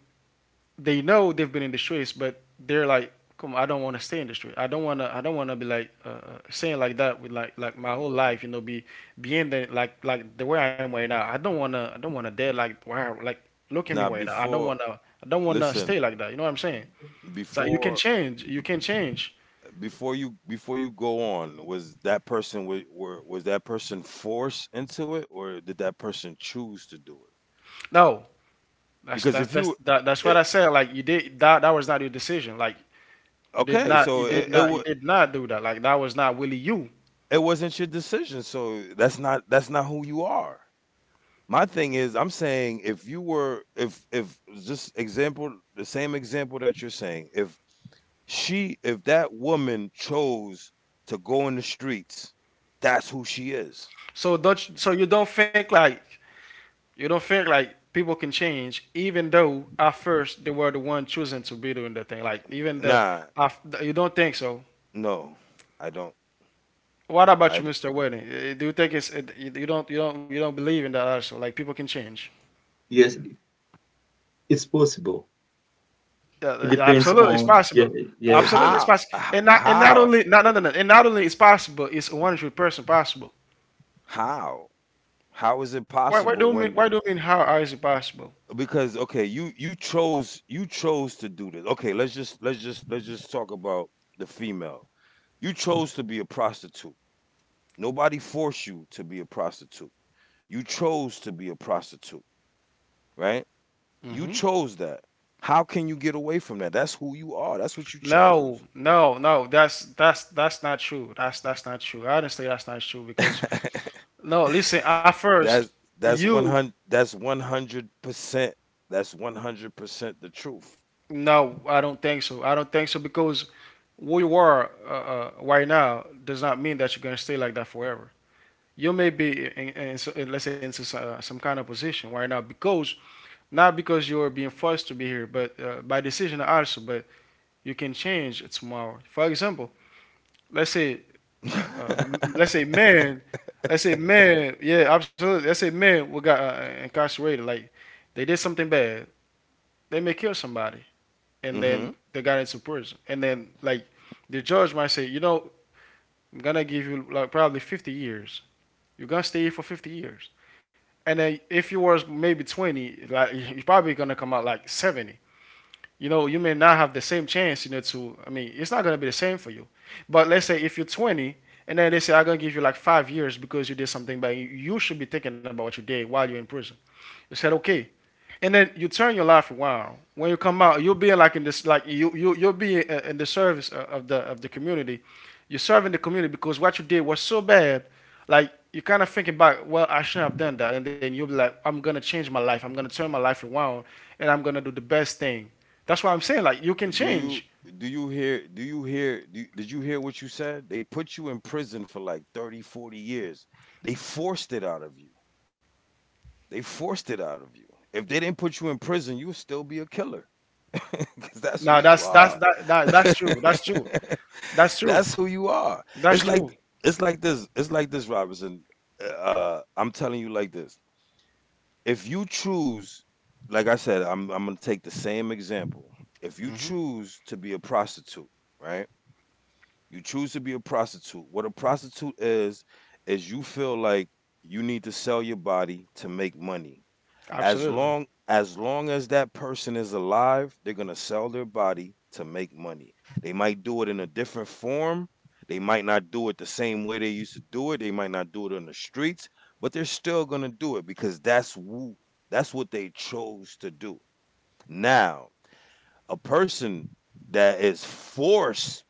they know they've been in the streets, but they're like, "Come on, I don't want to stay in the street. I don't wanna. I don't wanna be like saying like that with like my whole life. You know, be being the like the way I am right now. I don't wanna. I don't wanna dead, like, wow. Like, look at me Now, right now. I don't before wanna. I don't wanna listen, stay like that. You know what I'm saying?" It's like you can before change. You can change. Before you go on, was that person forced into it, or did that person choose to do it? No, Because if you, that's what it, I said. Like, you did that. That was not your decision. Like you did okay, not. You so did not. You did not do that. Like, that was not really you. it wasn't your decision, so that's not who you are. My thing is, I'm saying if you were if just example the same example that you're saying, if she if that woman chose to go in the streets, that's who she is. So don't. Sh So you don't think like, you don't think like people can change, even though at first they were the one choosing to be doing the thing. Like, even the, nah, you don't think so. no. I don't What about I you, d- Mr. Wedding? Eh, do you think it's eh, you don't believe in that also? Like, people can change. Yes, it's possible. Yeah, It yeah, depends h- absolutely, it's on, possible. yeah, yes. Absolutely, it's how possible. And not, and not how only not, no, no, no, and not only it's possible, it's 100% possible. how how is it Why do possible you mean, when why do you mean how is it possible? because okay, you chose to do this. Okay, let's just let's just talk about the female. You chose to be a prostitute. Nobody forced you to be a prostitute. You chose to be a prostitute, right? You Hmm. chose that. How can you get away from that? That's who you are. That's what you No, chose. no, no. That's that's not true. That's not true. Honestly, that's not true because no, listen, at first, that's you, that's 100 that's 100% that's 100% the truth. no, I don't think so. I don't think so, because who you are right now does not mean that you're going to stay like that forever. You may be, let's say, some kind of position right now because, not because you're being forced to be here, but by decision also, but you can change it tomorrow. For example, let's say, uh, uh, m- let's say man, let's say man, yeah, absolutely. Let's say man we got incarcerated, like they did something bad. They may kill somebody, and then Mhm. they got into prison. And then, like, the judge might say, you know, I'm gonna give you like probably 50 years. You're gonna stay here for 50 years. And then if you were maybe 20, like you're probably gonna come out like 70. You know, you may not have the same chance, you know, to. I mean, it's not gonna be the same for you. But let's say if you're 20, and then they say I'm gonna give you like 5 years because you did something, but you should be thinking about what you did while you're in prison. You said okay, and then you turn your life around. When you come out, you'll be like in this, like you'll be in the the of the community. You're serving the community because what you did was so bad. Like you kind of thinking about, well, I shouldn't have done that, and then you'll be like, I'm gonna change my life. I'm gonna turn my life around, and I'm gonna do the best thing. That's what I'm saying. Like you can Do you change. do you hear do, did you hear what you said? They put you in prison for like 30, 40 years. They forced it out of you. They forced it out of you. If they didn't put you in prison, you would still be a killer. Because that's who No, you that's that's are. that, that that's true. That's true. That's true. That's who you are. That's It's like true. it's like this. It's like this, Robinson. I'm telling you like this. If you choose, like I said, I'm gonna take the same example. If you choose to be a prostitute, right? You choose to be a prostitute. What a prostitute is you feel like you need to sell your body to make money Absolutely. As long as that person is alive, they're gonna sell their body to make money. They might do it in a different form. They might not do it the same way they used to do it. They might not do it on the streets, but they're still gonna do it because that's what they chose to do. Now, a person that is forced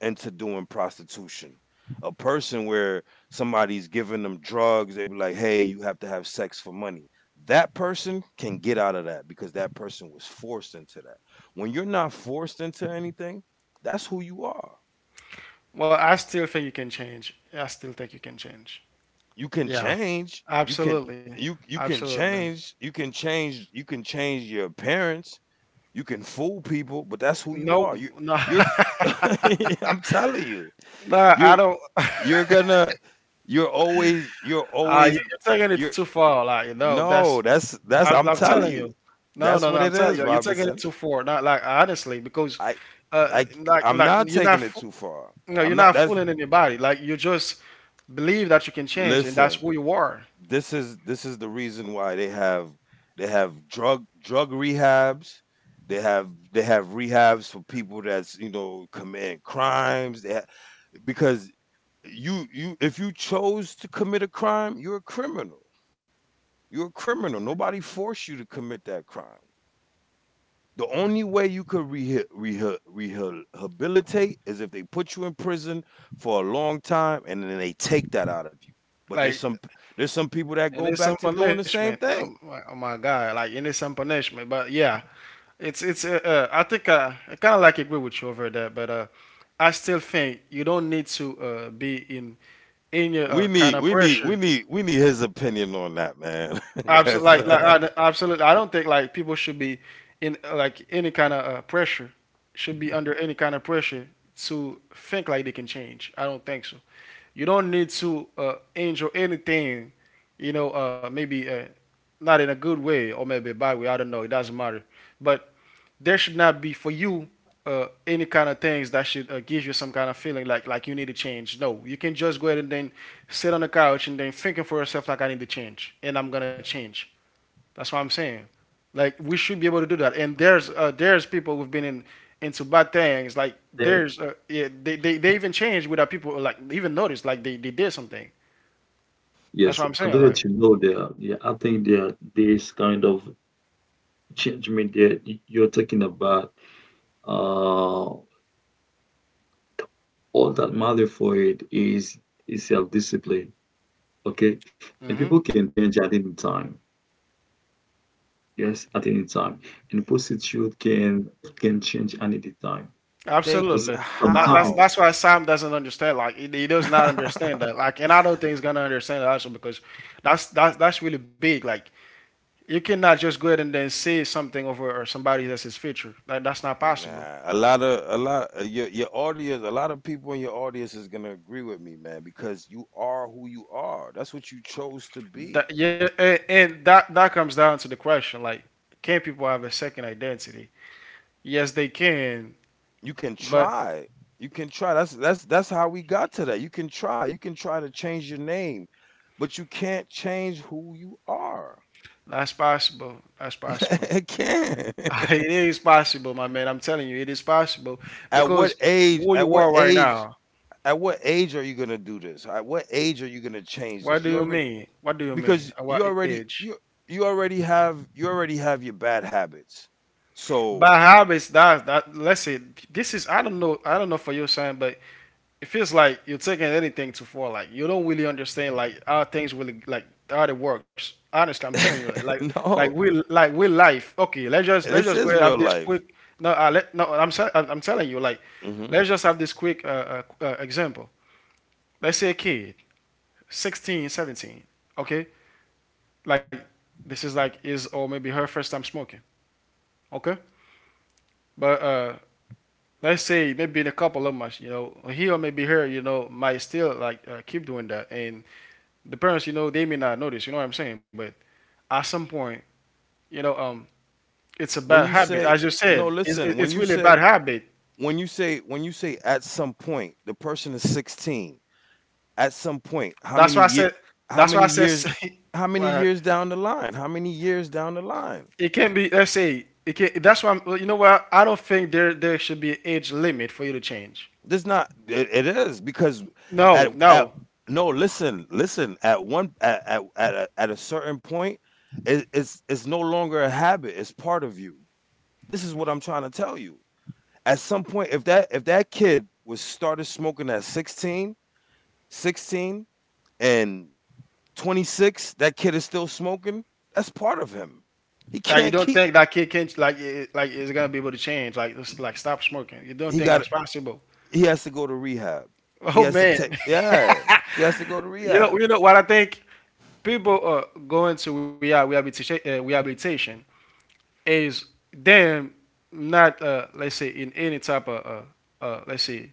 into doing prostitution. A person where somebody's giving them drugs, they be like, "Hey, you have to have sex for money." That person can get out of that because that person was forced into that. When you're not forced into anything, that's who you are. Well, I still think you can change. I still think you can change. You can Yeah, change. Absolutely, You can absolutely. change. You can change. You can change your appearance. You can fool people, but that's who you No, are. You no, you're I'm telling you, no. I you're don't. you're gonna you're always You're taking it you're too far. Like no, that's no that's I'm I'm telling telling you you. No, that's no, no. what I'm it telling is, you, you're taking it Robinson. too far. Not like honestly, because i uh, i like I'm like not you're not taking it too far. no, I'm you're not not that's fooling anybody. Like you just believe that you can change, and that's Listen, who you are. this is the reason why they have drug rehabs. They have they have rehabs for people that's you know commit crimes because you if you chose to commit a crime you're a criminal. You're a criminal. Nobody forced you to commit that crime. The only way you could rehabilitate is if they put you in prison for a long time and then they take that out of you. But Like there's some people that and go it's some back to doing the punishment. same Oh thing. my, oh my God! Like and it's some punishment. But yeah, it's it's. I think I kind of like agree with you over there, but. I still think you don't need to be in your kind of pressure. We need his opinion on that, man. Absolutely, Cuz like absolutely. I don't think like people should be in like any kind of pressure. Should be under any kind of pressure to think like they can change. I don't think so. You don't need to enjoy anything. You know, maybe not in a good way or maybe a bad way. I don't know. It doesn't matter. But there should not be for you any kind of things that should give you some kind of feeling like you need to change. No, you can just go ahead and then sit on the couch and then thinking for yourself like I need to change and I'm gonna change. That's what I'm saying. Like we should be able to do that. And there's people who've been in into bad things. Like the- there's yeah, they even change without people like even notice like they did something. That's what Yes, I'm saying. Like. adults, you know, there. Yeah, I think there are this kind of judgment that you're talking about. Uh, all that matter for it is self-discipline. Okay, and Mm-hmm. people can change at any time. Yes, at any time, and prostitute can change at any time. they Because Absolutely. That, that's sometimes, how that's why Sam doesn't understand. Like he does not understand that. Like, and I don't think he's gonna understand that also because that's really big. Like you cannot just go ahead and then say something over or somebody that's his feature. Like that's not possible. nah, a lot of a lot your audience, a lot of people in your audience is gonna agree with me, man, because you are who you are. That's what you chose to be. That yeah, and that that comes down to the question. Like, can people have a second identity? Yes, they can, You can but try. You can try. That's that's how we got to that. You can try. You can try to change your name, but you can't change who you are. that's possible. That's possible. It can. Not It is possible, my man. I'm telling you, it is possible At what because age? who At you what are right age? now. At what age are you gonna do this? At what age are you gonna change this? What do You you already mean? What do you because mean? At what age. You already have your bad habits. So Bad habits. That that. Let's say this is. I don't know. I don't know for you, son, but it feels like you're taking anything too far. Like you don't really understand. Like how things really like how it works. Honestly, I'm telling you. Like like no, we like we life. Okay, let's this just go is ahead and real have this life. quick. No, no. I'm sa- I'm telling you. Like Hmm. let's just have this quick example. Let's say a kid, 16, 17. Okay, like this is like his or maybe her first time smoking. Okay. But let's say maybe in a couple of months, you know, he or maybe her, you know, might still like keep doing that, and the parents, you know, they may not notice. You know what I'm saying? But at some point, you know, it's a When bad you habit, say as you no, said. Listen. It's really a bad habit. When you say at some point the person is 16. At some point, That's why I said. how That's why many I said. years how many uh, years down the line? How many years down the line? it can not be. Let's say it can. That's why I'm. Well, You know what? I don't think there should be an age limit for you to change. There's not. It is because No, at no. no. Listen, listen. At one at a certain point, it's no longer a habit. It's part of you. This is what I'm trying to tell you. At some point, if that kid was started smoking at 16, 16 and 26, that kid is still smoking. That's part of him. He Like you can't don't keep. think that kid can like it, like is gonna be able to change? Like just like stop smoking. You don't He think that's got. possible? He has to go to rehab. He Oh has to man, take. Yeah. He has to go to rehab. You know what I think. People going to rehab, rehabilitation, rehabilitation is them not let's say in any type of let's say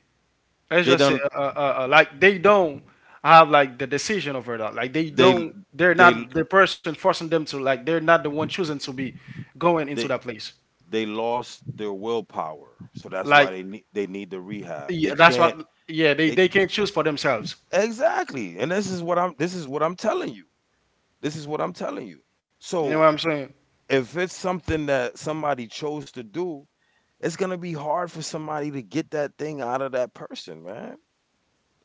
let's They just say done like they don't have like the decision over that. Like they they don't they're they not the person forcing them to like they're not the one choosing to be going into they that place. they lost their willpower, so that's Like why they need the rehab. Yeah, They that's can't. what. Yeah, they they can choose for themselves. exactly and this is what I'm this is what I'm telling you. this is what i'm telling you You know what so I'm saying? if it's something that somebody chose to do, it's going to be hard for somebody to get that thing out of that person, man.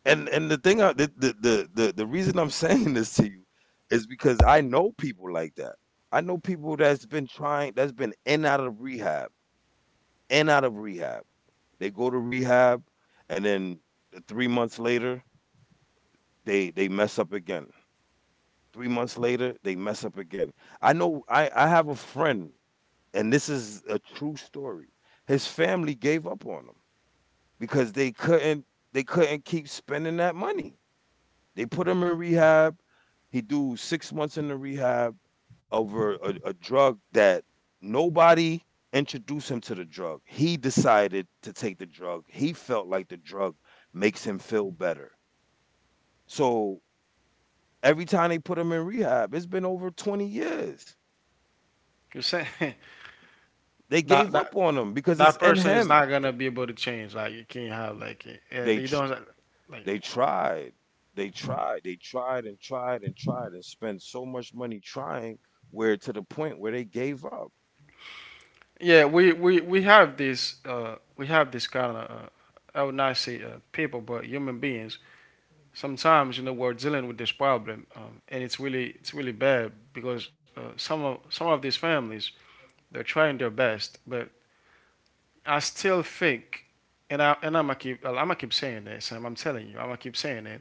And the thing I, the reason I'm saying this to you is because I know people like that. I know people that's been trying, that's been in and out of rehab and out of rehab. They go to rehab, and then 3 months later, they mess up again. 3 months later, they mess up again. I know. I have a friend, and this is a true story. His family gave up on him because they couldn't keep spending that money. They put him in rehab. He do 6 months in the rehab over a drug that nobody introduced him to the drug. He decided to take the drug. He felt like the drug makes him feel better. So every time they put him in rehab, it's been over 20 years. You're saying They that gave that up on him because it's that in person is him. not gonna be able to change. Like you can't have like eh, They they tr- don't like. they tried. They tried. They tried and tried and tried and spent so much money trying where to the point where they gave up. Yeah, we have this we have this kind of I would not say people, but human beings. Sometimes you know we're dealing with this problem, and it's really bad because some of these families they're trying their best, but I still think, and I'm going keep I to keep saying this. Sam. I'm telling you, I'm gonna keep saying it.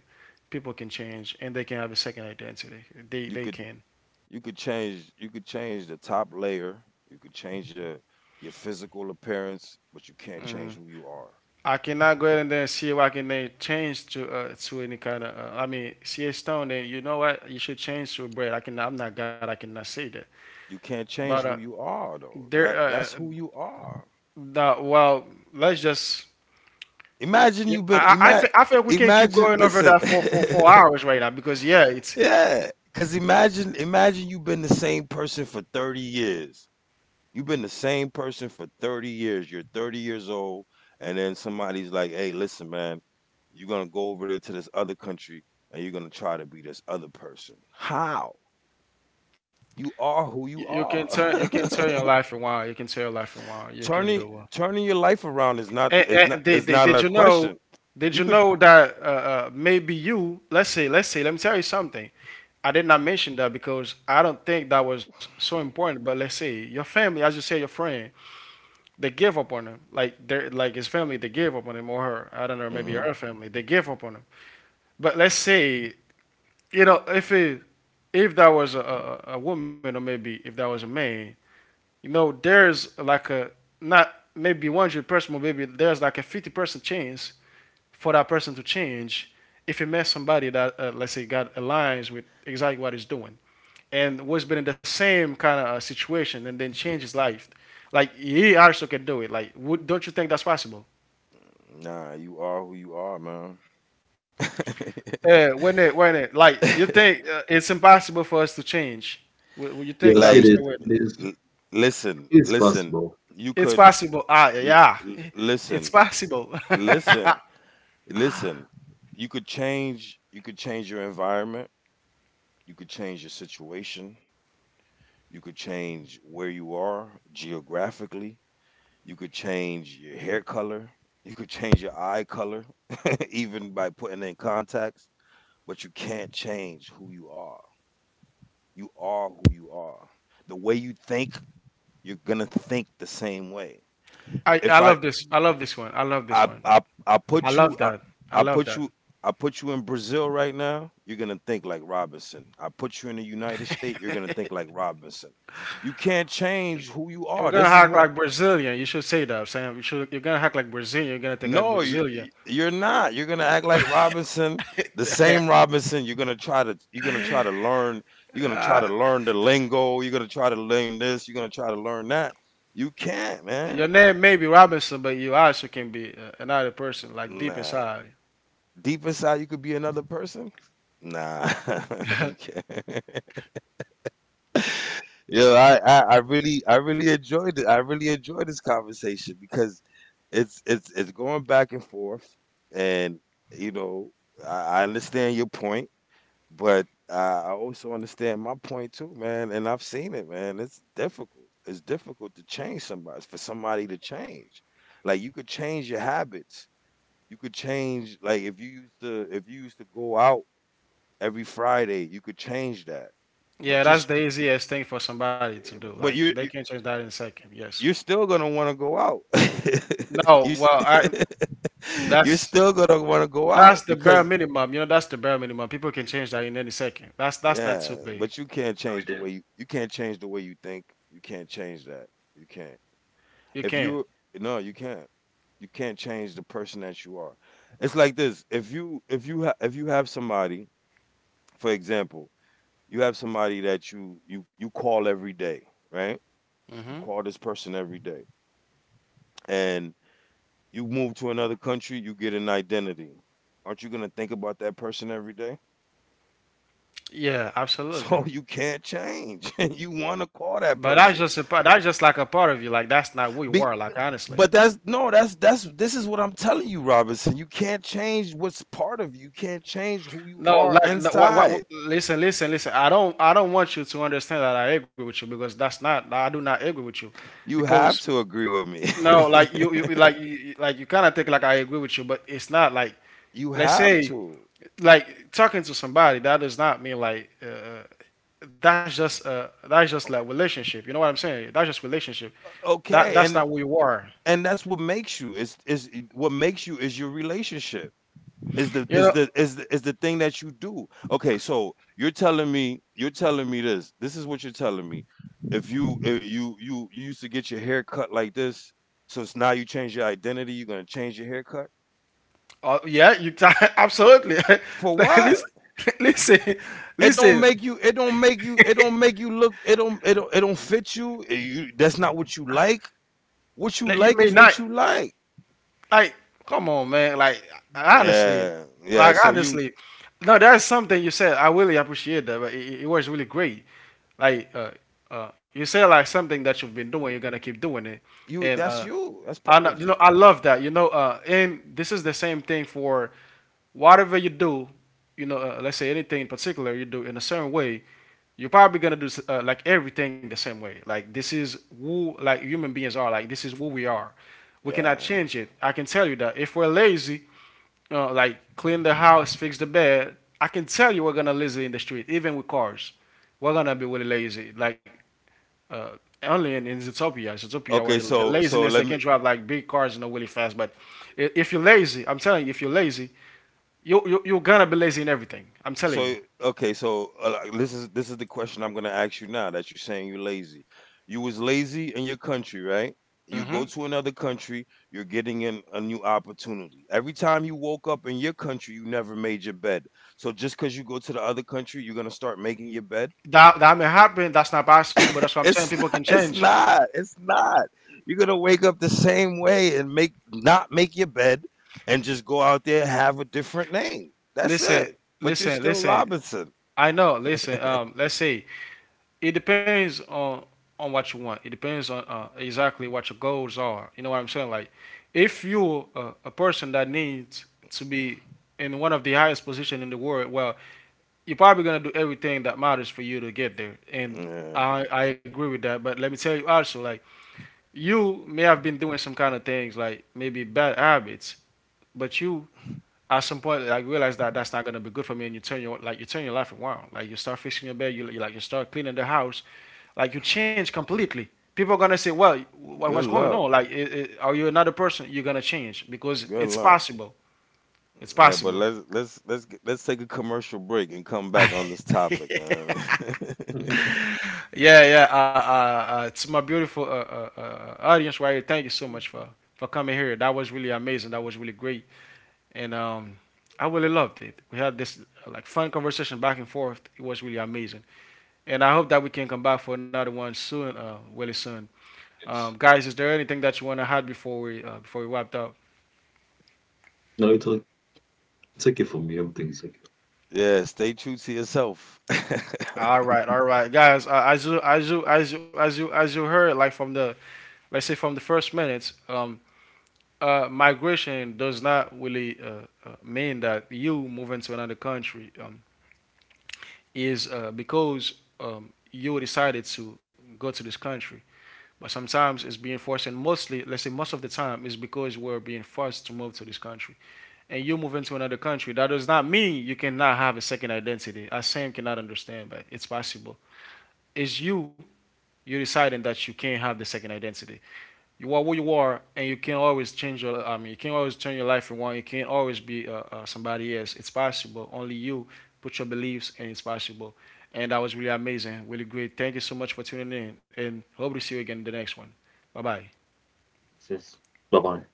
People can change and they can have a second identity. You They could can. You could change. You could change the top layer, you could change your physical appearance, but you can't Mm. change who you are. I cannot go ahead and then see why can they change to any kind of. I mean, see a stone. Then you know what? You should change to bread. I can. I'm not God. I cannot say that. You can't But change who you are, though. there. That that's who you are. the, well, let's just. Imagine you've been ima- I feel we can keep imagine going over listen. that for, for hours right now because yeah, it's Yeah, cuz imagine, you've been the same person for 30 years. You've been the same person for 30 years. You're 30 years old, and then somebody's like, hey, listen, man, you're going to go over there to this other country and you're going to try to be this other person. How? You are who You you you can turn are. Your life around. You can turn your life around. You can turning do it. turning your life around is And not did a you know? question. Did You you could. know that maybe you? Let me tell you something. I did not mention that because I don't think that was so important. But let's say your family, as you say, your friend, they give up on him. Like they like his family, they give up on him or her. I don't know, maybe Hmm. her family, they give up on him. But let's say you know if it if that was a woman or maybe if that was a man you know, there's like a not maybe 100% but maybe there's like a 50% chance for that person to change if you met somebody that, let's say, got aligns with exactly what he's doing and was been in the same kind of situation and then change his life. Like he also can do it. Like, don't you think that's possible? Nah, you are who you are, man. Yeah, like you think it's impossible for us to change? Would you think yes, that, it like is Mr. Wade? it is l- listen, it's listen. possible You It's could. possible. Ah, l- yeah, l- it's listen. possible. Listen. Listen, you could change. You could change your environment, you could change your situation, you could change where you are geographically, you could change your hair color, you could change your eye color even by putting in contacts, but you can't change who you are. You are who you are. The way you think, you're going to think the same way. I If I love this. I love this one. I love this I one. I I I put you love I, that. I I love put that. you I put you in Brazil right now, you're gonna think like Robinson. I put you in the United States, you're gonna think like Robinson. You can't change who you You're are. gonna This is hack what I, like Brazilian. You should say that, Sam. You should. You're gonna hack like Brazilian. You're gonna take like No, you, Brazilian. you're not. You're gonna act like Robinson, the same Robinson. You're gonna try to learn. You're gonna try to learn the lingo. You're gonna try to learn this. You're gonna try to learn that. You can't, man. Your name may be Robinson, but you also can be another person, like deep Nah. inside. Deep inside you could be another person? Nah, you can't. Yo, I really enjoyed it. I really enjoyed this conversation because it's going back and forth, and you know, I understand your point, but I also understand my point too, man. And I've seen it, man. It's difficult. It's difficult to change somebody, for somebody to change. Like, you could change your habits. You could change, like, if you used to go out every Friday. You could change that, yeah, but you're that's the st- easiest thing for somebody to do. Like but you're they you- are saint but you can are change that in a second. Yes. Still gonna want to go out. No. you Well, s- I. you're That's still gonna want to go that's out the bare because minimum. You know, that's the bare minimum. People can change that in any second. That's not yeah, too big. but you can't change with the way them. you you can't change the way you think. You can't change that. You can't. You If can you, no, you can't. You can't change the person that you are. It's like this: if you, if you have somebody, for example, you have somebody that you call every day, right? You hmm call this person every day, and you move to another country, you get an identity. Aren't you going to think about that person every day? Yeah, So absolutely. you can't change. You want to call that But that's person. just a part. That's just like a part of you. Like that's not who you Be, are. Like but honestly, that's, no, that's this is what I'm telling you, Robinson. You can't change what's part of you. You can't change who you no. are Like no, what, what? Inside. Listen, listen, listen. I don't want you to understand that I agree with you because that's not. I do not agree with you, You have because to agree with me. no. Like you kind of think like I agree with you, but it's not like. You Let's have say to. like talking to somebody that does not mean like. That's just that's just like O- relationship. You know what I'm saying? That's just relationship. That Okay. that's and not who you are. and that's what makes you. It's is what makes you is your relationship. Is the You is know the is the, is the thing that you do. Okay, so you're telling me this. This is what you're telling me. If you, if you you used to get your hair cut like this, so it's now you change your identity, you're gonna change your haircut Oh yeah, you can absolutely. for what? Listen, listen, It don't listen. make you. It don't make you look. It don't fit you. Eh, you, that's not what you like. What Like, you you may like is not. what you like. Like, come on, man. Like, honestly, Yeah, yeah. like, So you honestly. No, there's something you said. I really appreciate that, but it was really great. Like, you said like something that you've been doing, you're gonna keep doing it, you and that's you. That's I part know, of you. I love that. And this is the same thing for whatever you do. Let's say anything in particular you do in a certain way, you're probably gonna do like everything the same way. Like this is who human beings are. Like this is who we are. We cannot Yeah. change it. I can tell you that if we're lazy, like clean the house, fix the bed, I can tell you we're gonna lazy in the street, even with cars. We're gonna be really lazy. Uh, Only in Zootopia, Zootopia, where Okay. the So so laziness they let can me drive like big cars, you know, really fast. But if you're lazy, I'm telling you, if you're lazy, you're gonna be lazy in everything. I'm telling So you. okay, so like, this is the question I'm gonna ask you now that you're saying you're lazy. You was lazy in your country, right? You Hmm. go to another country, you're getting in a new opportunity. Every time you woke up in your country, you never made your bed. So just because you go to the other country, you're gonna start making your bed. That that may happen. That's not possible. That's what I'm saying. People It's can not. Change. You're gonna wake up the same way and make, not make your bed, and just go out there and have a different name. That's Listen, it. But you're listen, still listen. Robinson. I know. Listen. Let's say it depends on what you want. It depends on exactly what your goals are. You know what I'm saying? Like, if you're a person that needs to be in one of the highest position in the world, well, you're probably gonna do everything that matters for you to get there. And Yeah. I agree with that. But let me tell you also, like, you may have been doing some kind of things, like maybe bad habits, but you at some point, like you realize that that's not gonna be good for me, and you turn your you turn your life around. Like you start fixing your bed, like you start cleaning the house, like you change completely. People are gonna say, "Well, Good what's going luck. on? Like, I are you another person? You're gonna change because Good it's luck. possible. It's Yeah, but possible." Let's take a commercial break and come back on this topic, Yeah, man. yeah. To my beautiful audience right here, thank you so much for coming here. That was really amazing. That was really great, and I really loved it. We had this like fun conversation back and forth. It was really amazing, and I hope that we can come back for another one soon, really soon. Yes, Guys, is there anything that you want to add before we wrapped up? no, it's okay. It's okay for me. Everything is okay. Yeah, stay true to yourself. All right, guys. As you as you as you as you as you heard, like from the let's say from the first minutes, migration does not really mean that you moving to another country is because you decided to go to this country. But sometimes it's being forced, and mostly, let's say most of the time, is because we're being forced to move to this country. And you move into another country, that does not mean you cannot have a second identity. I Sam cannot understand, but it's possible. It's you. You're deciding that you can't have the second identity. You are who you are, and you can not always change your. I mean, you can't always turn your life around. You can't always be somebody else. It's possible. Only you put your beliefs, and it's possible. And that was really amazing, really great. Thank you so much for tuning in, and hope to see you again in the next one. Bye bye. This Bye bye.